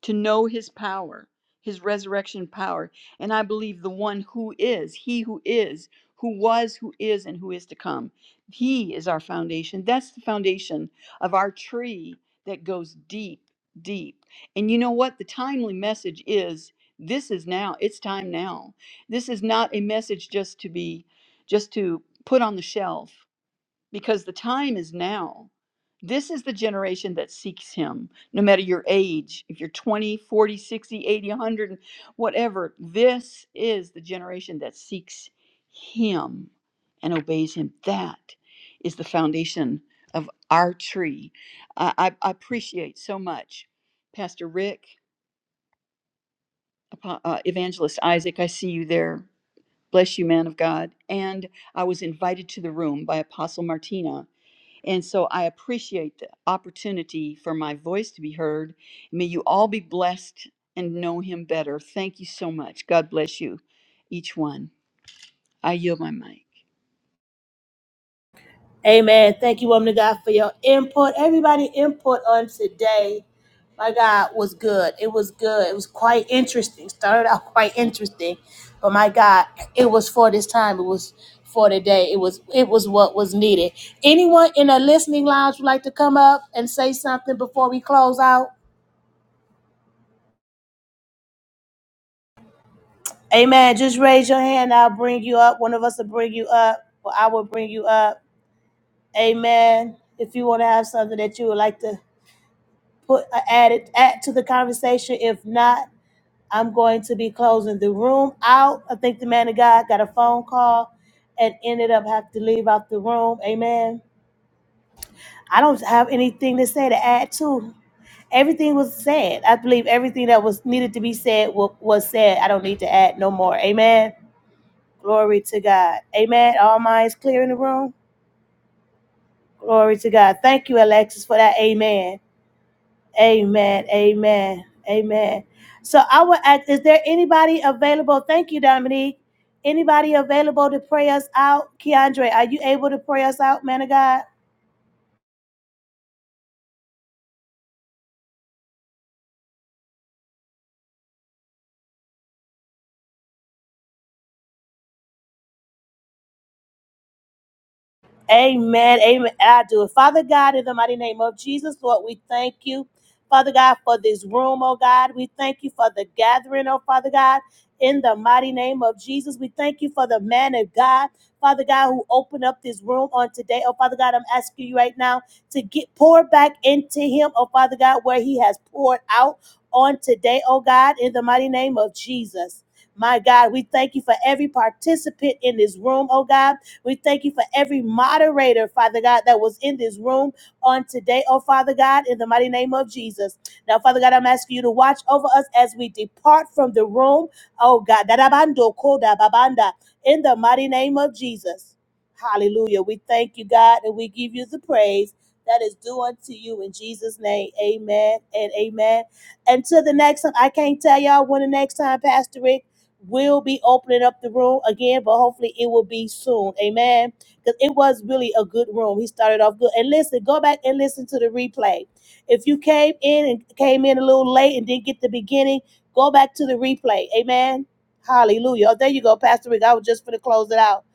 Speaker 10: to know his power, his resurrection power. And I believe the one who is, he who is, who was, who is, and who is to come. He is our foundation. That's the foundation of our tree that goes deep, deep. And you know what? The timely message is this is now. It's time now. This is not a message just to be, just to put on the shelf because the time is now. This is the generation that seeks him, no matter your age, if you're 20, 40, 100, and whatever. This is the generation that seeks him and obeys him. That is the foundation of our tree. I, I I appreciate so much Pastor Rick, uh, Evangelist Isaac, I see you there. Bless you, man of God. And I was invited to the room by Apostle Martina and so I appreciate the opportunity for my voice to be heard. May you all be blessed and know him better. Thank you so much. God bless you, each one. I yield my mic.
Speaker 5: Amen. Thank you, woman of God, for your input. Everybody input on today, my God, was good. It was good. It was quite interesting. Started out quite interesting, but my God, it was for this time. It was for today. It was it was what was needed. Anyone in a listening lounge would like to come up and say something before we close out? Amen. Just raise your hand. I'll bring you up. One of us will bring you up, or I will bring you up. Amen. If you want to have something that you would like to put uh, add it add to the conversation. If not, I'm going to be closing the room out. I think the man of God got a phone call and ended up having to leave out the room. Amen. I don't have anything to say to add to. Everything was said. I believe everything that was needed to be said wa- was said. I don't need to add no more. Amen. Glory to God. Amen. All minds clear in the room. Glory to God. Thank you, Alexis, for that. Amen. Amen. Amen. Amen. So I will ask, is there anybody available? Thank you, Dominique. Anybody available to pray us out? Keandre, are you able to pray us out, man of God? Amen. Amen. I do it. Father God, in the mighty name of Jesus, Lord, we thank you. Father God, for this room, oh God. We thank you for the gathering, oh Father God. In the mighty name of Jesus, we thank you for the man of God, Father God, who opened up this room on today. Oh Father God, I'm asking you right now to get poured back into him, oh Father God, where he has poured out on today, oh God, in the mighty name of Jesus. My God, we thank you for every participant in this room, oh God. We thank you for every moderator, Father God, that was in this room on today, oh Father God, in the mighty name of Jesus. Now, Father God, I'm asking you to watch over us as we depart from the room, oh God. Darabando koda babanda, In the mighty name of Jesus. Hallelujah. We thank you, God, and we give you the praise that is due unto you in Jesus' name. Amen and amen. Until the next time, I can't tell y'all when the next time, Pastor Rick will be opening up the room again, but hopefully it will be soon. Amen. Because it was really a good room. He started off good. And listen, go back and listen to the replay. If you came in and came in a little late and didn't get the beginning, go back to the replay. Amen. Hallelujah. Oh, there you go, Pastor Rick. I was just going to close it out.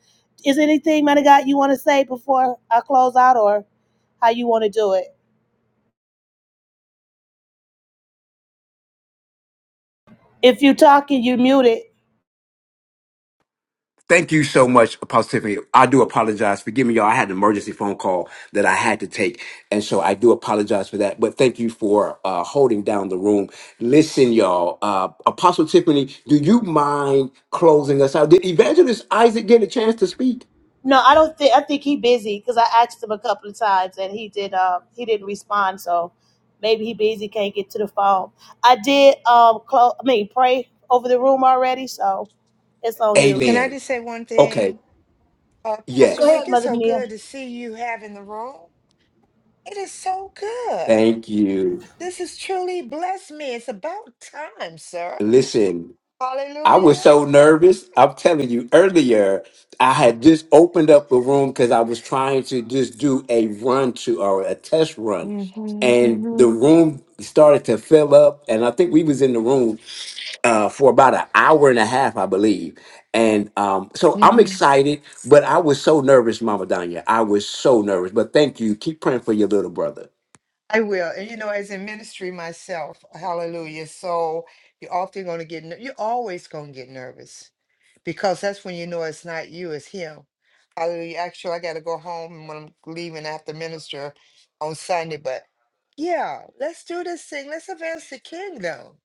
Speaker 5: Is there anything, man of God, you want to say before I close out or how you want to do it? If you're talking, you mute it.
Speaker 1: Thank you so much, Apostle Tiffany. I do apologize. Forgive me, y'all. I had an emergency phone call that I had to take. And so I do apologize for that. But thank you for uh, holding down the room. Listen, y'all. Uh, Apostle Tiffany, do you mind closing us out? Did Evangelist Isaac get a chance to speak?
Speaker 5: No, I don't think. I think he busy because I asked him a couple of times and he did. Um, he didn't respond. So maybe he busy can't get to the phone. I did. Um, close. I mean, pray over the room already. So it's on you.
Speaker 3: Can I
Speaker 1: Amen.
Speaker 3: just say one
Speaker 1: Okay.
Speaker 3: thing? Uh,
Speaker 5: Go
Speaker 3: Pastor Rick,
Speaker 1: Yes.
Speaker 5: ahead,
Speaker 3: it's
Speaker 5: Mother
Speaker 3: so
Speaker 5: Mia.
Speaker 3: good to see you having the room. It is so good.
Speaker 1: Thank you.
Speaker 3: This has truly blessed me. It's about time, sir.
Speaker 1: Listen, I was
Speaker 3: Hallelujah.
Speaker 1: so nervous. I'm telling you, earlier I had just opened up a room because I was trying to just do a run to or a test run,
Speaker 3: hmm
Speaker 1: and the
Speaker 3: hmm
Speaker 1: room started to fill up. And I think we was in the room uh, for about an hour and a half, I believe. And um, so I'm excited, but I was so nervous, Mama Danya. I was so nervous. But thank you. Keep praying for your little brother.
Speaker 3: I will. And you know, as in ministry myself, hallelujah. So you're often going to get, ner- you're always going to get nervous because that's when you know it's not you, it's him. Hallelujah. Actually, I got to go home when I'm leaving after minister on Sunday. But yeah, let's do this thing. Let's advance the kingdom.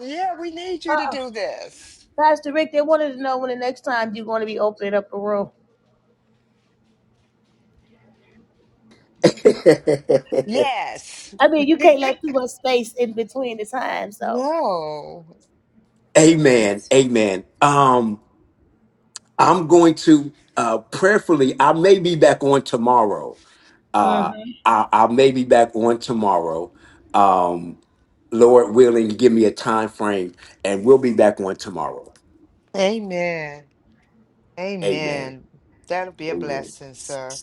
Speaker 3: Yeah, we need you to
Speaker 5: Uh,
Speaker 3: do this.
Speaker 5: Pastor Rick, they wanted to know when the next time you're going to be opening up a room.
Speaker 3: Yes.
Speaker 5: I mean, you can't let too much space in between the times. So,
Speaker 3: No.
Speaker 1: amen.
Speaker 3: It's
Speaker 1: Amen. Um. I'm going to uh, prayerfully, I may be back on tomorrow.
Speaker 5: Mhm.
Speaker 1: Uh, I, I may be back on tomorrow. Um, Lord willing, give me a time frame and we'll be back on tomorrow.
Speaker 3: Amen.
Speaker 1: Amen.
Speaker 3: Amen. That'll be a
Speaker 1: Amen.
Speaker 3: blessing, sir.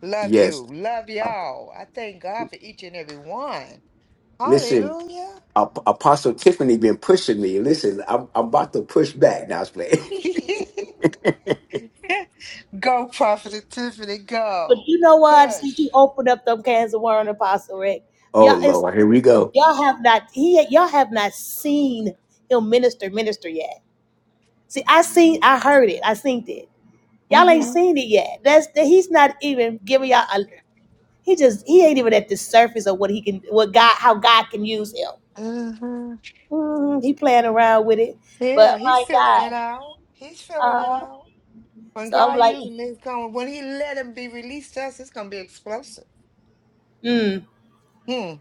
Speaker 3: Love
Speaker 1: Yes.
Speaker 3: you. Love
Speaker 1: Uh,
Speaker 3: y'all. I thank God for each and every one.
Speaker 1: listen,
Speaker 3: Hallelujah.
Speaker 1: Ap- Apostle Tiffany been pushing me. Listen, I'm, I'm about to push back. Now I was playing.
Speaker 3: go, Prophet Tiffany,
Speaker 5: but
Speaker 3: go.
Speaker 5: you know what? Since
Speaker 3: Push.
Speaker 5: you opened up them cans of worm, Apostle Rick,
Speaker 1: oh,
Speaker 5: y'all. it's
Speaker 1: Lord. Here we go.
Speaker 5: Y'all have not he y'all have not seen him minister minister yet. See, I seen I heard it, I seen it. Y'all ain't
Speaker 3: hmm
Speaker 5: seen it yet. That's that he's not even giving y'all a he just he ain't even at the surface of what he can what God how God can use him.
Speaker 3: hmm
Speaker 5: Mm, he playing around with it.
Speaker 3: Yeah,
Speaker 5: But
Speaker 3: he's
Speaker 5: my
Speaker 3: filling it
Speaker 5: God.
Speaker 3: out. He's filling it
Speaker 5: Uh,
Speaker 3: out. When
Speaker 5: so I'm
Speaker 3: God
Speaker 5: like,
Speaker 3: uses him, it's going, when he let him be released to us, it's going to be explosive.
Speaker 5: mm,
Speaker 3: Hmm.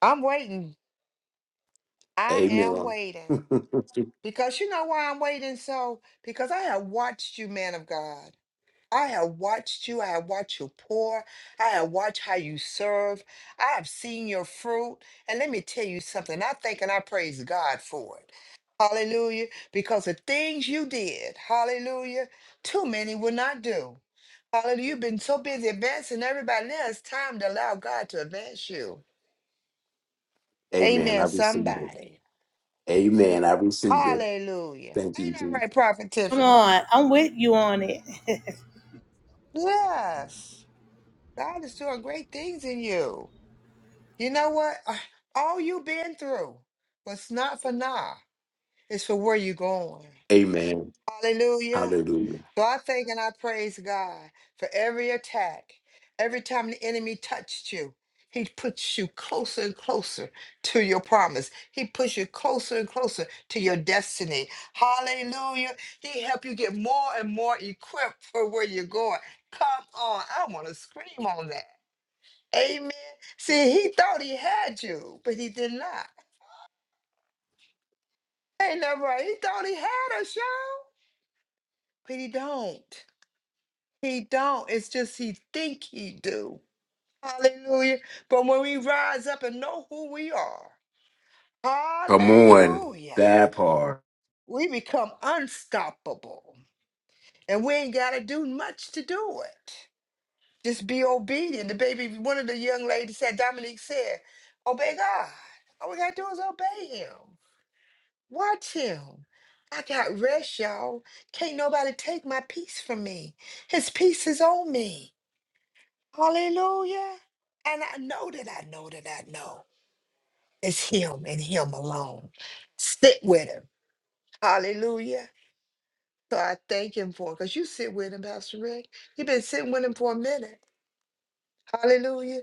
Speaker 3: I'm waiting. I am
Speaker 1: Amen.
Speaker 3: waiting. Because you know why I'm waiting so? Because I have watched you, man of God. I have watched you. I have watched you pour. I have watched how you serve. I have seen your fruit. And let me tell you something. I think and I praise God for it. Hallelujah. Because the things you did, hallelujah, too many will not do. Hallelujah. You've been so busy advancing everybody else. Time to allow God to advance you.
Speaker 1: Amen. I
Speaker 3: Amen,
Speaker 1: receive it.
Speaker 3: somebody.
Speaker 1: Amen. I receive it.
Speaker 3: Hallelujah.
Speaker 1: Thank you,
Speaker 3: Ain't that
Speaker 1: Jesus.
Speaker 3: right, Prophet
Speaker 5: come
Speaker 3: Tiffany?
Speaker 5: on, I'm with you on it.
Speaker 3: Yes, God is doing great things in you. You know what? Ah, All you've been through was not for now. It's for where you're going.
Speaker 1: Amen.
Speaker 3: Hallelujah.
Speaker 1: Hallelujah.
Speaker 3: So I thank and I praise God for every attack. Every time the enemy touched you, he puts you closer and closer to your promise. He puts you closer and closer to your destiny. Hallelujah. He help you get more and more equipped for where you're going. Come on. I want to scream on that. Amen. See, he thought he had you, but he did not. Ain't that right? He thought he had us, y'all, but he don't. He don't. It's just he think he do. Hallelujah. But when we rise up and know who we are,
Speaker 1: Come on.
Speaker 3: hallelujah,
Speaker 1: That part.
Speaker 3: we become unstoppable. And we ain't got to do much to do it. Just be obedient. The baby, one of the young ladies said, Dominique said, obey God. All we got to do is obey him. Watch him. I got rest, y'all. Can't nobody take my peace from me. His peace is on me. Hallelujah. And I know that I know that I know it's him and him alone. Sit with him. Hallelujah. So I thank him for it because you sit with him, Pastor Rick. You've been sitting with him for a minute. Hallelujah.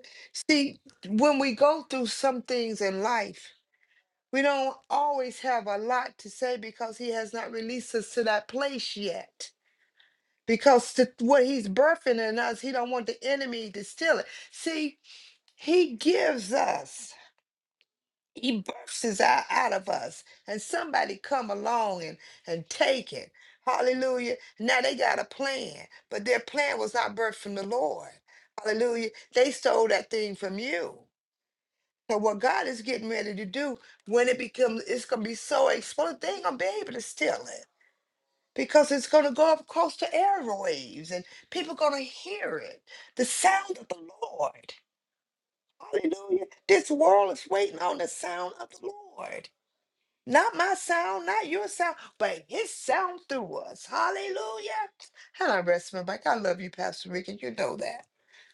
Speaker 3: See, when we go through some things in life, we don't always have a lot to say because he has not released us to that place yet. because to what he's birthing in us, he don't want the enemy to steal it. See, he gives us, he births us out, out of us, and somebody come along and and take it. Hallelujah! Now they got a plan, but their plan was not birthed from the Lord. Hallelujah! They stole that thing from you. So what God is getting ready to do when it becomes, it's gonna be so exposed. They ain't gonna be able to steal it because it's going to go up across the airwaves and people going to hear it. The sound of the Lord. Hallelujah. This world is waiting on the sound of the Lord. Not my sound, not your sound, but his sound through us. Hallelujah. And I rest my back. I love you, Pastor Rick, and you know that.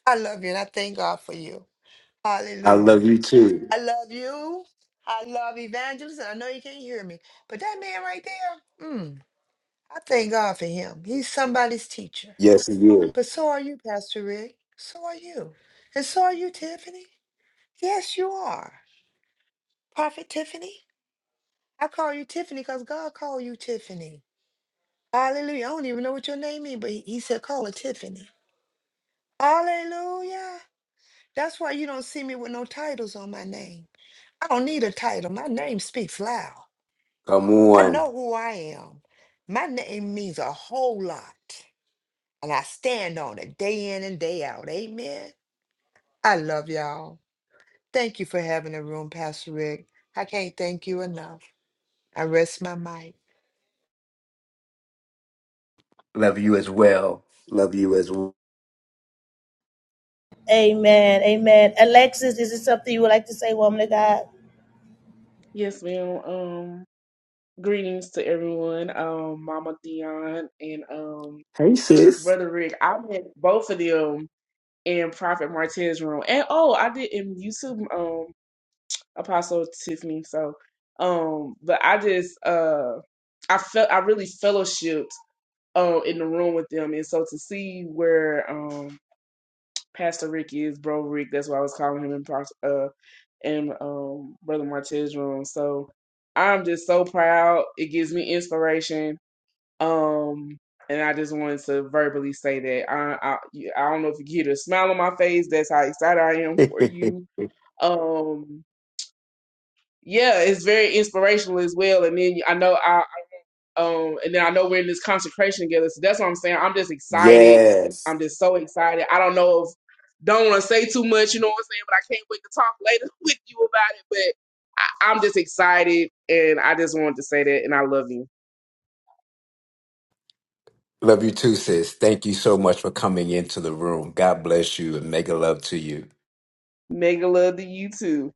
Speaker 3: I love you and I thank God for you.
Speaker 1: I love
Speaker 3: Hallelujah.
Speaker 1: you too.
Speaker 3: I love you. I love Evangelist. and I know you can't hear me. But that man right there, mm, I thank God for him. He's somebody's teacher.
Speaker 1: Yes, you. is.
Speaker 3: But so are you, Pastor Rick. So are you. And so are you, Tiffany. Yes, you are. Prophet Tiffany. I call you Tiffany because God called you Tiffany. Hallelujah. I don't even know what your name is, but he, he said call her Tiffany. Hallelujah. That's why you don't see me with no titles on my name. I don't need a title. My name speaks loud.
Speaker 1: Come
Speaker 3: I
Speaker 1: on.
Speaker 3: know who I am. My name means a whole lot. And I stand on it day in and day out. Amen. I love y'all. Thank you for having a room, Pastor Rick. I can't thank you enough. I rest my mic.
Speaker 1: Love you as well. Love you as well.
Speaker 5: Amen. Amen. Alexis, is it something you would like to say, woman of God?
Speaker 11: Yes, ma'am. Um, greetings to everyone. Um, Mama Dion and um,
Speaker 1: Hey, sis.
Speaker 11: Brother Rick. I met both of them in Prophet Martinez room, and oh, I did in YouTube. Um, Apostle Tiffany. So, um, but I just uh, I felt I really fellowshipped um in the room with them, and so to see where um Pastor Rick is Bro Rick. That's why I was calling him in pros- uh in um Brother Martez's room. So I'm just so proud. It gives me inspiration. Um and I just wanted to verbally say that I I, you- I don't know if you get a smile on my face. That's how excited I am for you. Um yeah, it's very inspirational as well. And then I know I um, and then I know we're in this consecration together. So that's what I'm saying. I'm just excited.
Speaker 1: yes.
Speaker 11: I'm just so excited. I don't know if don't want to say too much, you know what I'm saying, but I can't wait to talk later with you about it. But I, I'm just excited and I just wanted to say that and I love you.
Speaker 1: Love you too, sis. Thank you so much for coming into the room. God bless you and make a love to you.
Speaker 11: Mega love to you too.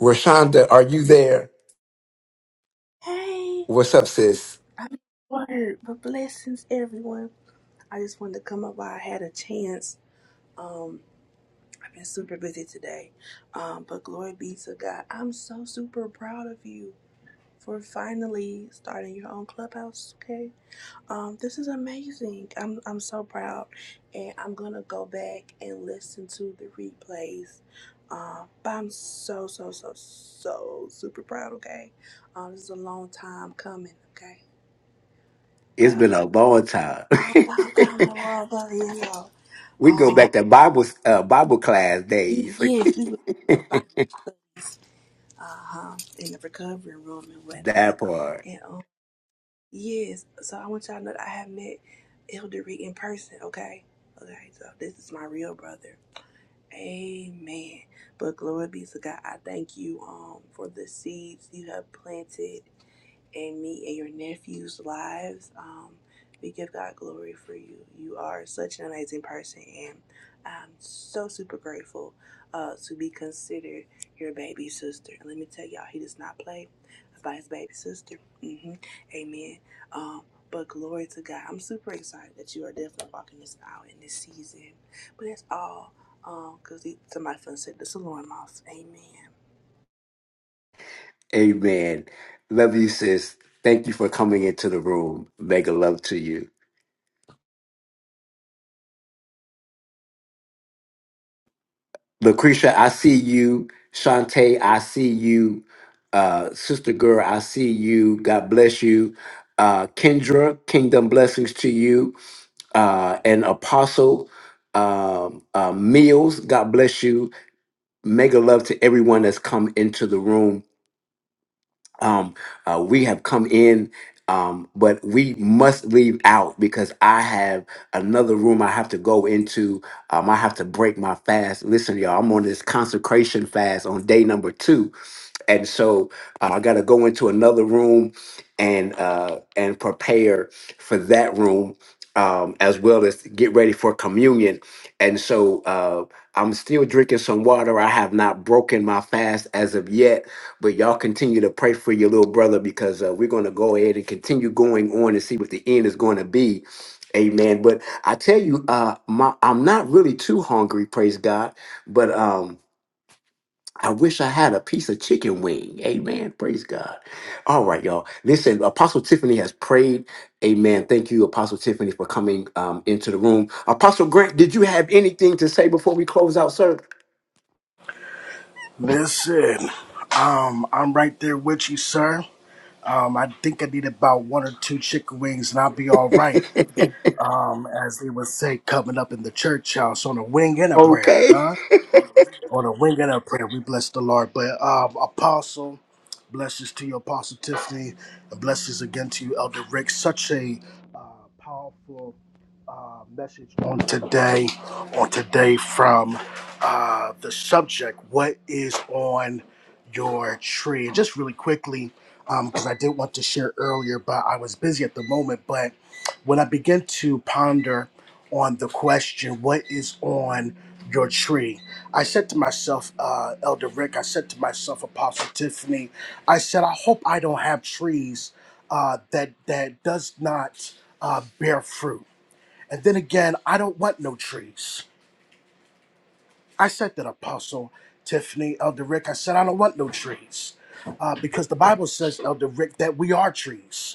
Speaker 1: Rashonda, are you there?
Speaker 12: Hey,
Speaker 1: What's up, sis?
Speaker 12: I'm word, but blessings everyone. I just wanted to come up while I had a chance. Um, I've been super busy today. Um, but glory be to God. I'm so super proud of you for finally starting your own clubhouse, okay? Um, this is amazing. I'm I'm so proud and I'm gonna go back and listen to the replays. Um, but I'm so so so so super proud, okay? Um, this is a long time coming, okay?
Speaker 1: It's
Speaker 12: but.
Speaker 1: been a long time.
Speaker 12: Oh, y'all gone brother, you know.
Speaker 1: we go
Speaker 12: Um,
Speaker 1: back to Bible uh, Bible class
Speaker 12: you,
Speaker 1: days.
Speaker 12: yes, we was having Bible stuff, uh-huh, in the recovery room and whatnot.
Speaker 1: That part.
Speaker 12: And, um, yes, so I want y'all to know that I have met Eldery in person, okay? Okay, so this is my real brother. Amen. But glory be to God. I thank you, um, for the seeds you have planted and me and your nephews' lives. Um, we give God glory for you. You are such an amazing person, and I'm so super grateful uh, to be considered your baby sister. And let me tell y'all, he does not play about his baby sister. hmm Amen. Um, but glory to God. I'm super excited that you are definitely walking this out in this season. But that's all. Because um, somebody fun said the alarm off. Amen.
Speaker 1: Amen. Love you, sis. Thank you for coming into the room. Mega love to you. Lucretia, I see you. Shantae, I see you. Uh, Sister Girl, I see you. God bless you. Uh, Kendra, kingdom blessings to you. Uh, and Apostle um, uh, Meals, God bless you. Mega love to everyone that's come into the room um, uh, we have come in, um, but we must leave out because I have another room I have to go into. Um, I have to break my fast. Listen, y'all, I'm on this consecration fast on day number two and so uh, I got to go into another room and uh, and prepare for that room um, as well as get ready for communion. And so uh, I'm still drinking some water. I have not broken my fast as of yet, but y'all continue to pray for your little brother because uh, we're going to go ahead and continue going on and see what the end is going to be. Amen. But I tell you, uh, my, I'm not really too hungry, praise God. But um, I wish I had a piece of chicken wing. Amen. Praise God. All right, y'all. Listen, Apostle Tiffany has prayed. Amen. Thank you, Apostle Tiffany, for coming um, into the room. Apostle Grant, did you have anything to say before we close out, sir?
Speaker 13: Listen, um, I'm right there with you, sir. Um, I think I need about one or two chicken wings and I'll be all right. Um, as they would say, coming up in the church house on a wing and a prayer,
Speaker 1: okay.
Speaker 13: huh? on a wing and a prayer. We bless the Lord. But um, Apostle, blessings to you, Apostle Tiffany, and blessings again to you, Elder Rick. Such a uh, powerful uh, message on today, on today from uh, the subject, what is on your tree? And just really quickly, because I did want to share earlier, but I was busy at the moment. But when I began to ponder on the question, What is on your tree? I said to myself, uh, Elder Rick, I said to myself, Apostle Tiffany, I said, I hope I don't have trees uh, that, that does not uh, bear fruit. And then again, I don't want no trees. I said that, Apostle Tiffany, Elder Rick, I said, I don't want no trees. Uh, because the Bible says, Elder Rick, that we are trees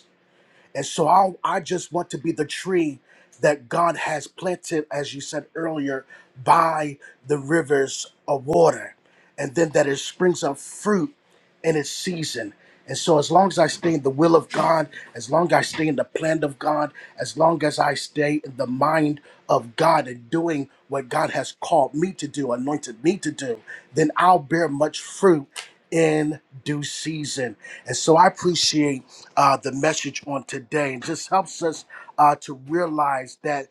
Speaker 13: and so I, I just want to be the tree that God has planted, as you said earlier, by the rivers of water. And then that it springs up fruit in its season. And so, as long as I stay in the will of God, as long as I stay in the plan of God, as long as I stay in the mind of God and doing what God has called me to do, anointed me to do, then I'll bear much fruit in due season. And so, I appreciate uh, the message on today. It just helps us uh, to realize that.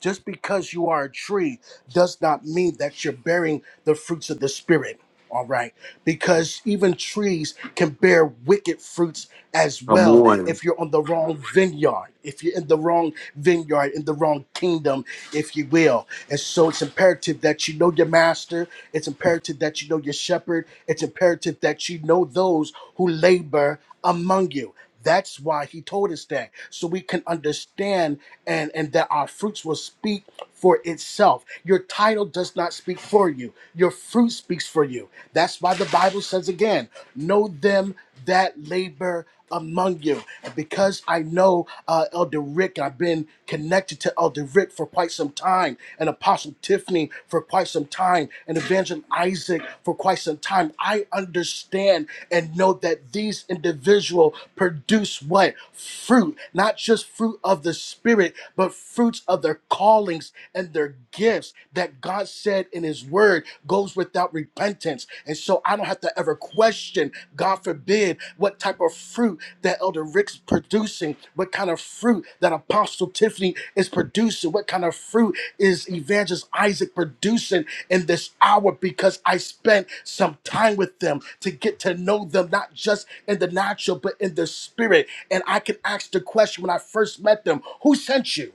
Speaker 13: Just because you are a tree does not mean that you're bearing the fruits of the Spirit, all right? Because even trees can bear wicked fruits as
Speaker 1: Come
Speaker 13: well
Speaker 1: on.
Speaker 13: if you're on the wrong vineyard, if you're in the wrong vineyard, in the wrong kingdom, if you will. And so it's imperative that you know your master, it's imperative that you know your shepherd, it's imperative that you know those who labor among you. That's why he told us that, so we can understand and, and that our fruits will speak for itself. Your title does not speak for you, your fruit speaks for you. That's why the Bible says again, know them that labor among you. And because I know uh, Elder Rick, I've been connected to Elder Rick for quite some time, and. Apostle Tiffany for quite some time and Evangelist Isaac for quite some time. I understand and know that these individuals produce what? Fruit, not just fruit of the Spirit, but fruits of their callings and their gifts that God said in His Word goes without repentance. And so I don't have to ever question God forbid what type of fruit that Elder Rick's producing, what kind of fruit that Apostle Tiffany is producing, what kind of fruit is Evangelist Isaac producing in this hour because I spent some time with them to get to know them, not just in the natural, but in the spirit. And I can ask the question when I first met them who sent you?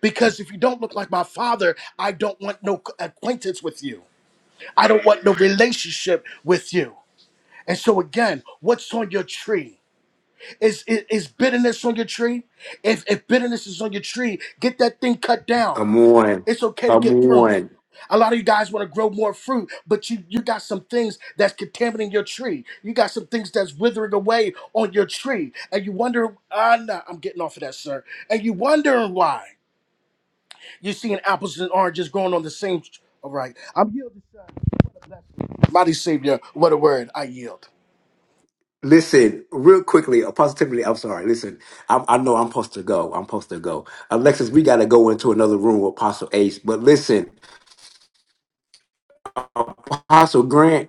Speaker 13: Because if you don't look like my father, I don't want no acquaintance with you. I don't want no relationship with you. And so again, what's on your tree? Is, is is bitterness on your tree? If if bitterness is on your tree, get that thing cut down.
Speaker 1: Come on.
Speaker 13: It's okay to
Speaker 1: Come
Speaker 13: get pruned.
Speaker 1: on.
Speaker 13: A lot of you guys want to grow more fruit, but you you got some things that's contaminating your tree. You got some things that's withering away on your tree, and you wonder, ah, nah, I'm getting off of that, sir. And you wondering why you're seeing apples and oranges growing on the same. All right, I'm yielding, sir. Mighty Savior, what a word! I yield.
Speaker 1: Listen, real quickly, Apostle Tiffany, I'm sorry. Listen, I, I know I'm supposed to go. I'm supposed to go. Alexis, we got to go into another room with Apostle Ace. But listen, Apostle Grant,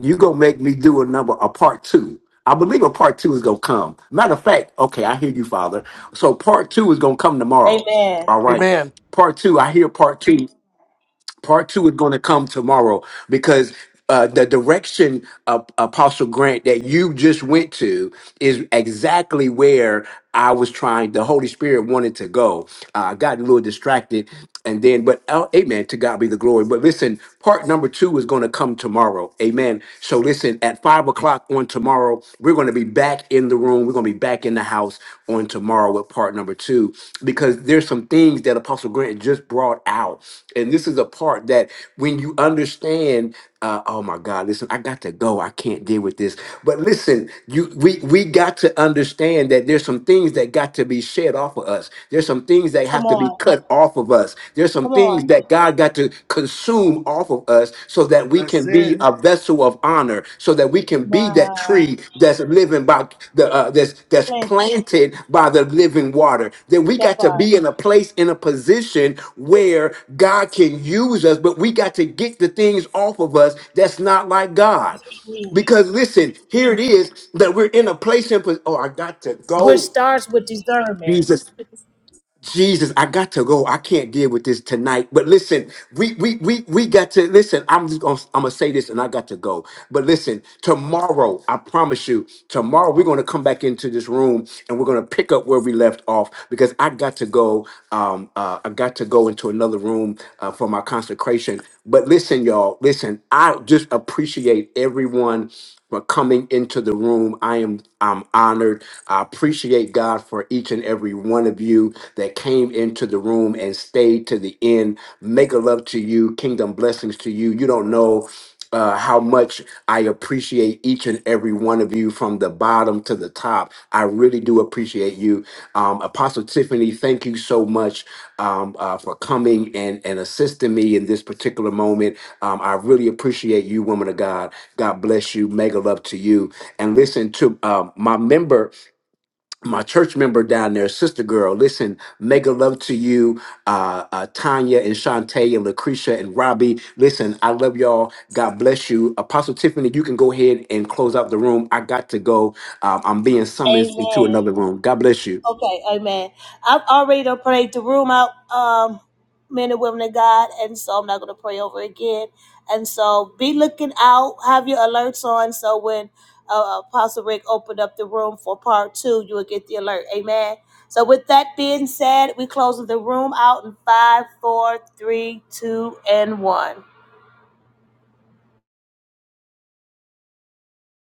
Speaker 1: you gonna make me do a number a part two. I believe a part two is gonna come. Matter of fact, okay, I hear you, Father. So part two is gonna come tomorrow.
Speaker 5: Amen.
Speaker 1: All right.
Speaker 13: Amen.
Speaker 1: Part two, I hear part two part two is going to come tomorrow because uh, the direction of Apostle Grant that you just went to is exactly where I was trying. The Holy Spirit wanted to go. Uh, I got a little distracted, and then, but uh, Amen. To God be the glory. But listen, part number two is going to come tomorrow. Amen. So listen, at five o'clock on tomorrow, we're going to be back in the room. We're going to be back back in the house on tomorrow with part number two because there's some things that Apostle Grant just brought out, and this is a part that when you understand. Uh, oh my God! Listen, I got to go. I can't deal with this. But listen, you we we got to understand that there's some things that got to be shed off of us. There's some things that
Speaker 5: Come
Speaker 1: have to be
Speaker 5: on.
Speaker 1: cut off of us. There's some
Speaker 5: Come
Speaker 1: things
Speaker 5: on.
Speaker 1: that God got to consume consume off of us so that we
Speaker 13: That's
Speaker 1: can
Speaker 13: it.
Speaker 1: be a vessel of honor, so that we can be that
Speaker 5: Wow.
Speaker 1: tree that's living by the uh, that's that's
Speaker 5: Plenty.
Speaker 1: planted by the living water. Then we
Speaker 5: That
Speaker 1: got to
Speaker 5: part,
Speaker 1: be in a place in a position where God can use us, but we got to get the things off of us that's not like God.
Speaker 5: mm,
Speaker 1: Because listen, here it is that we're in a place in. pos- Oh, I got to
Speaker 5: which
Speaker 1: go.
Speaker 5: starts with discernment.
Speaker 1: Jesus, I got to go. I can't deal with this tonight. But listen, we we we we got to listen. I'm just gonna I'm gonna say this and I got to go. But listen, tomorrow, I promise you, tomorrow we're gonna come back into this room and we're gonna pick up where we left off because I got to go. Um uh I got to go into another room uh, for my consecration. But listen, y'all, listen, I just appreciate everyone for coming into the room. I am I'm honored. I appreciate God for each and every one of you that came into the room and stayed to the end. Make a love to you. Kingdom blessings to you. You don't know uh, how much I appreciate each and every one of you from the bottom to the top. I really do appreciate you. Um, Apostle Tiffany, thank you so much um, uh, for coming and, and assisting me in this particular moment. Um, I really appreciate you, woman of God. God bless you. Mega love to you. And listen to um, my member, my church member down there, sister girl. Listen, mega love to you, uh, uh, Tanya and Shantae and Lucretia and Robbie. Listen, I love y'all. God bless you. Apostle Tiffany, you can go ahead and close out the room. I got to go. Um, I'm being summoned into another
Speaker 5: Amen.
Speaker 1: room. God bless you.
Speaker 5: Okay, amen. I've already done prayed the room out, um, men and women of God, and so I'm not going to pray over again. And so be looking out, have your alerts on, so when uh, Apostle Rick opened up the room for part two, you will get the alert. Amen. So with that being said, we close the room out in five, four, three, two, and one.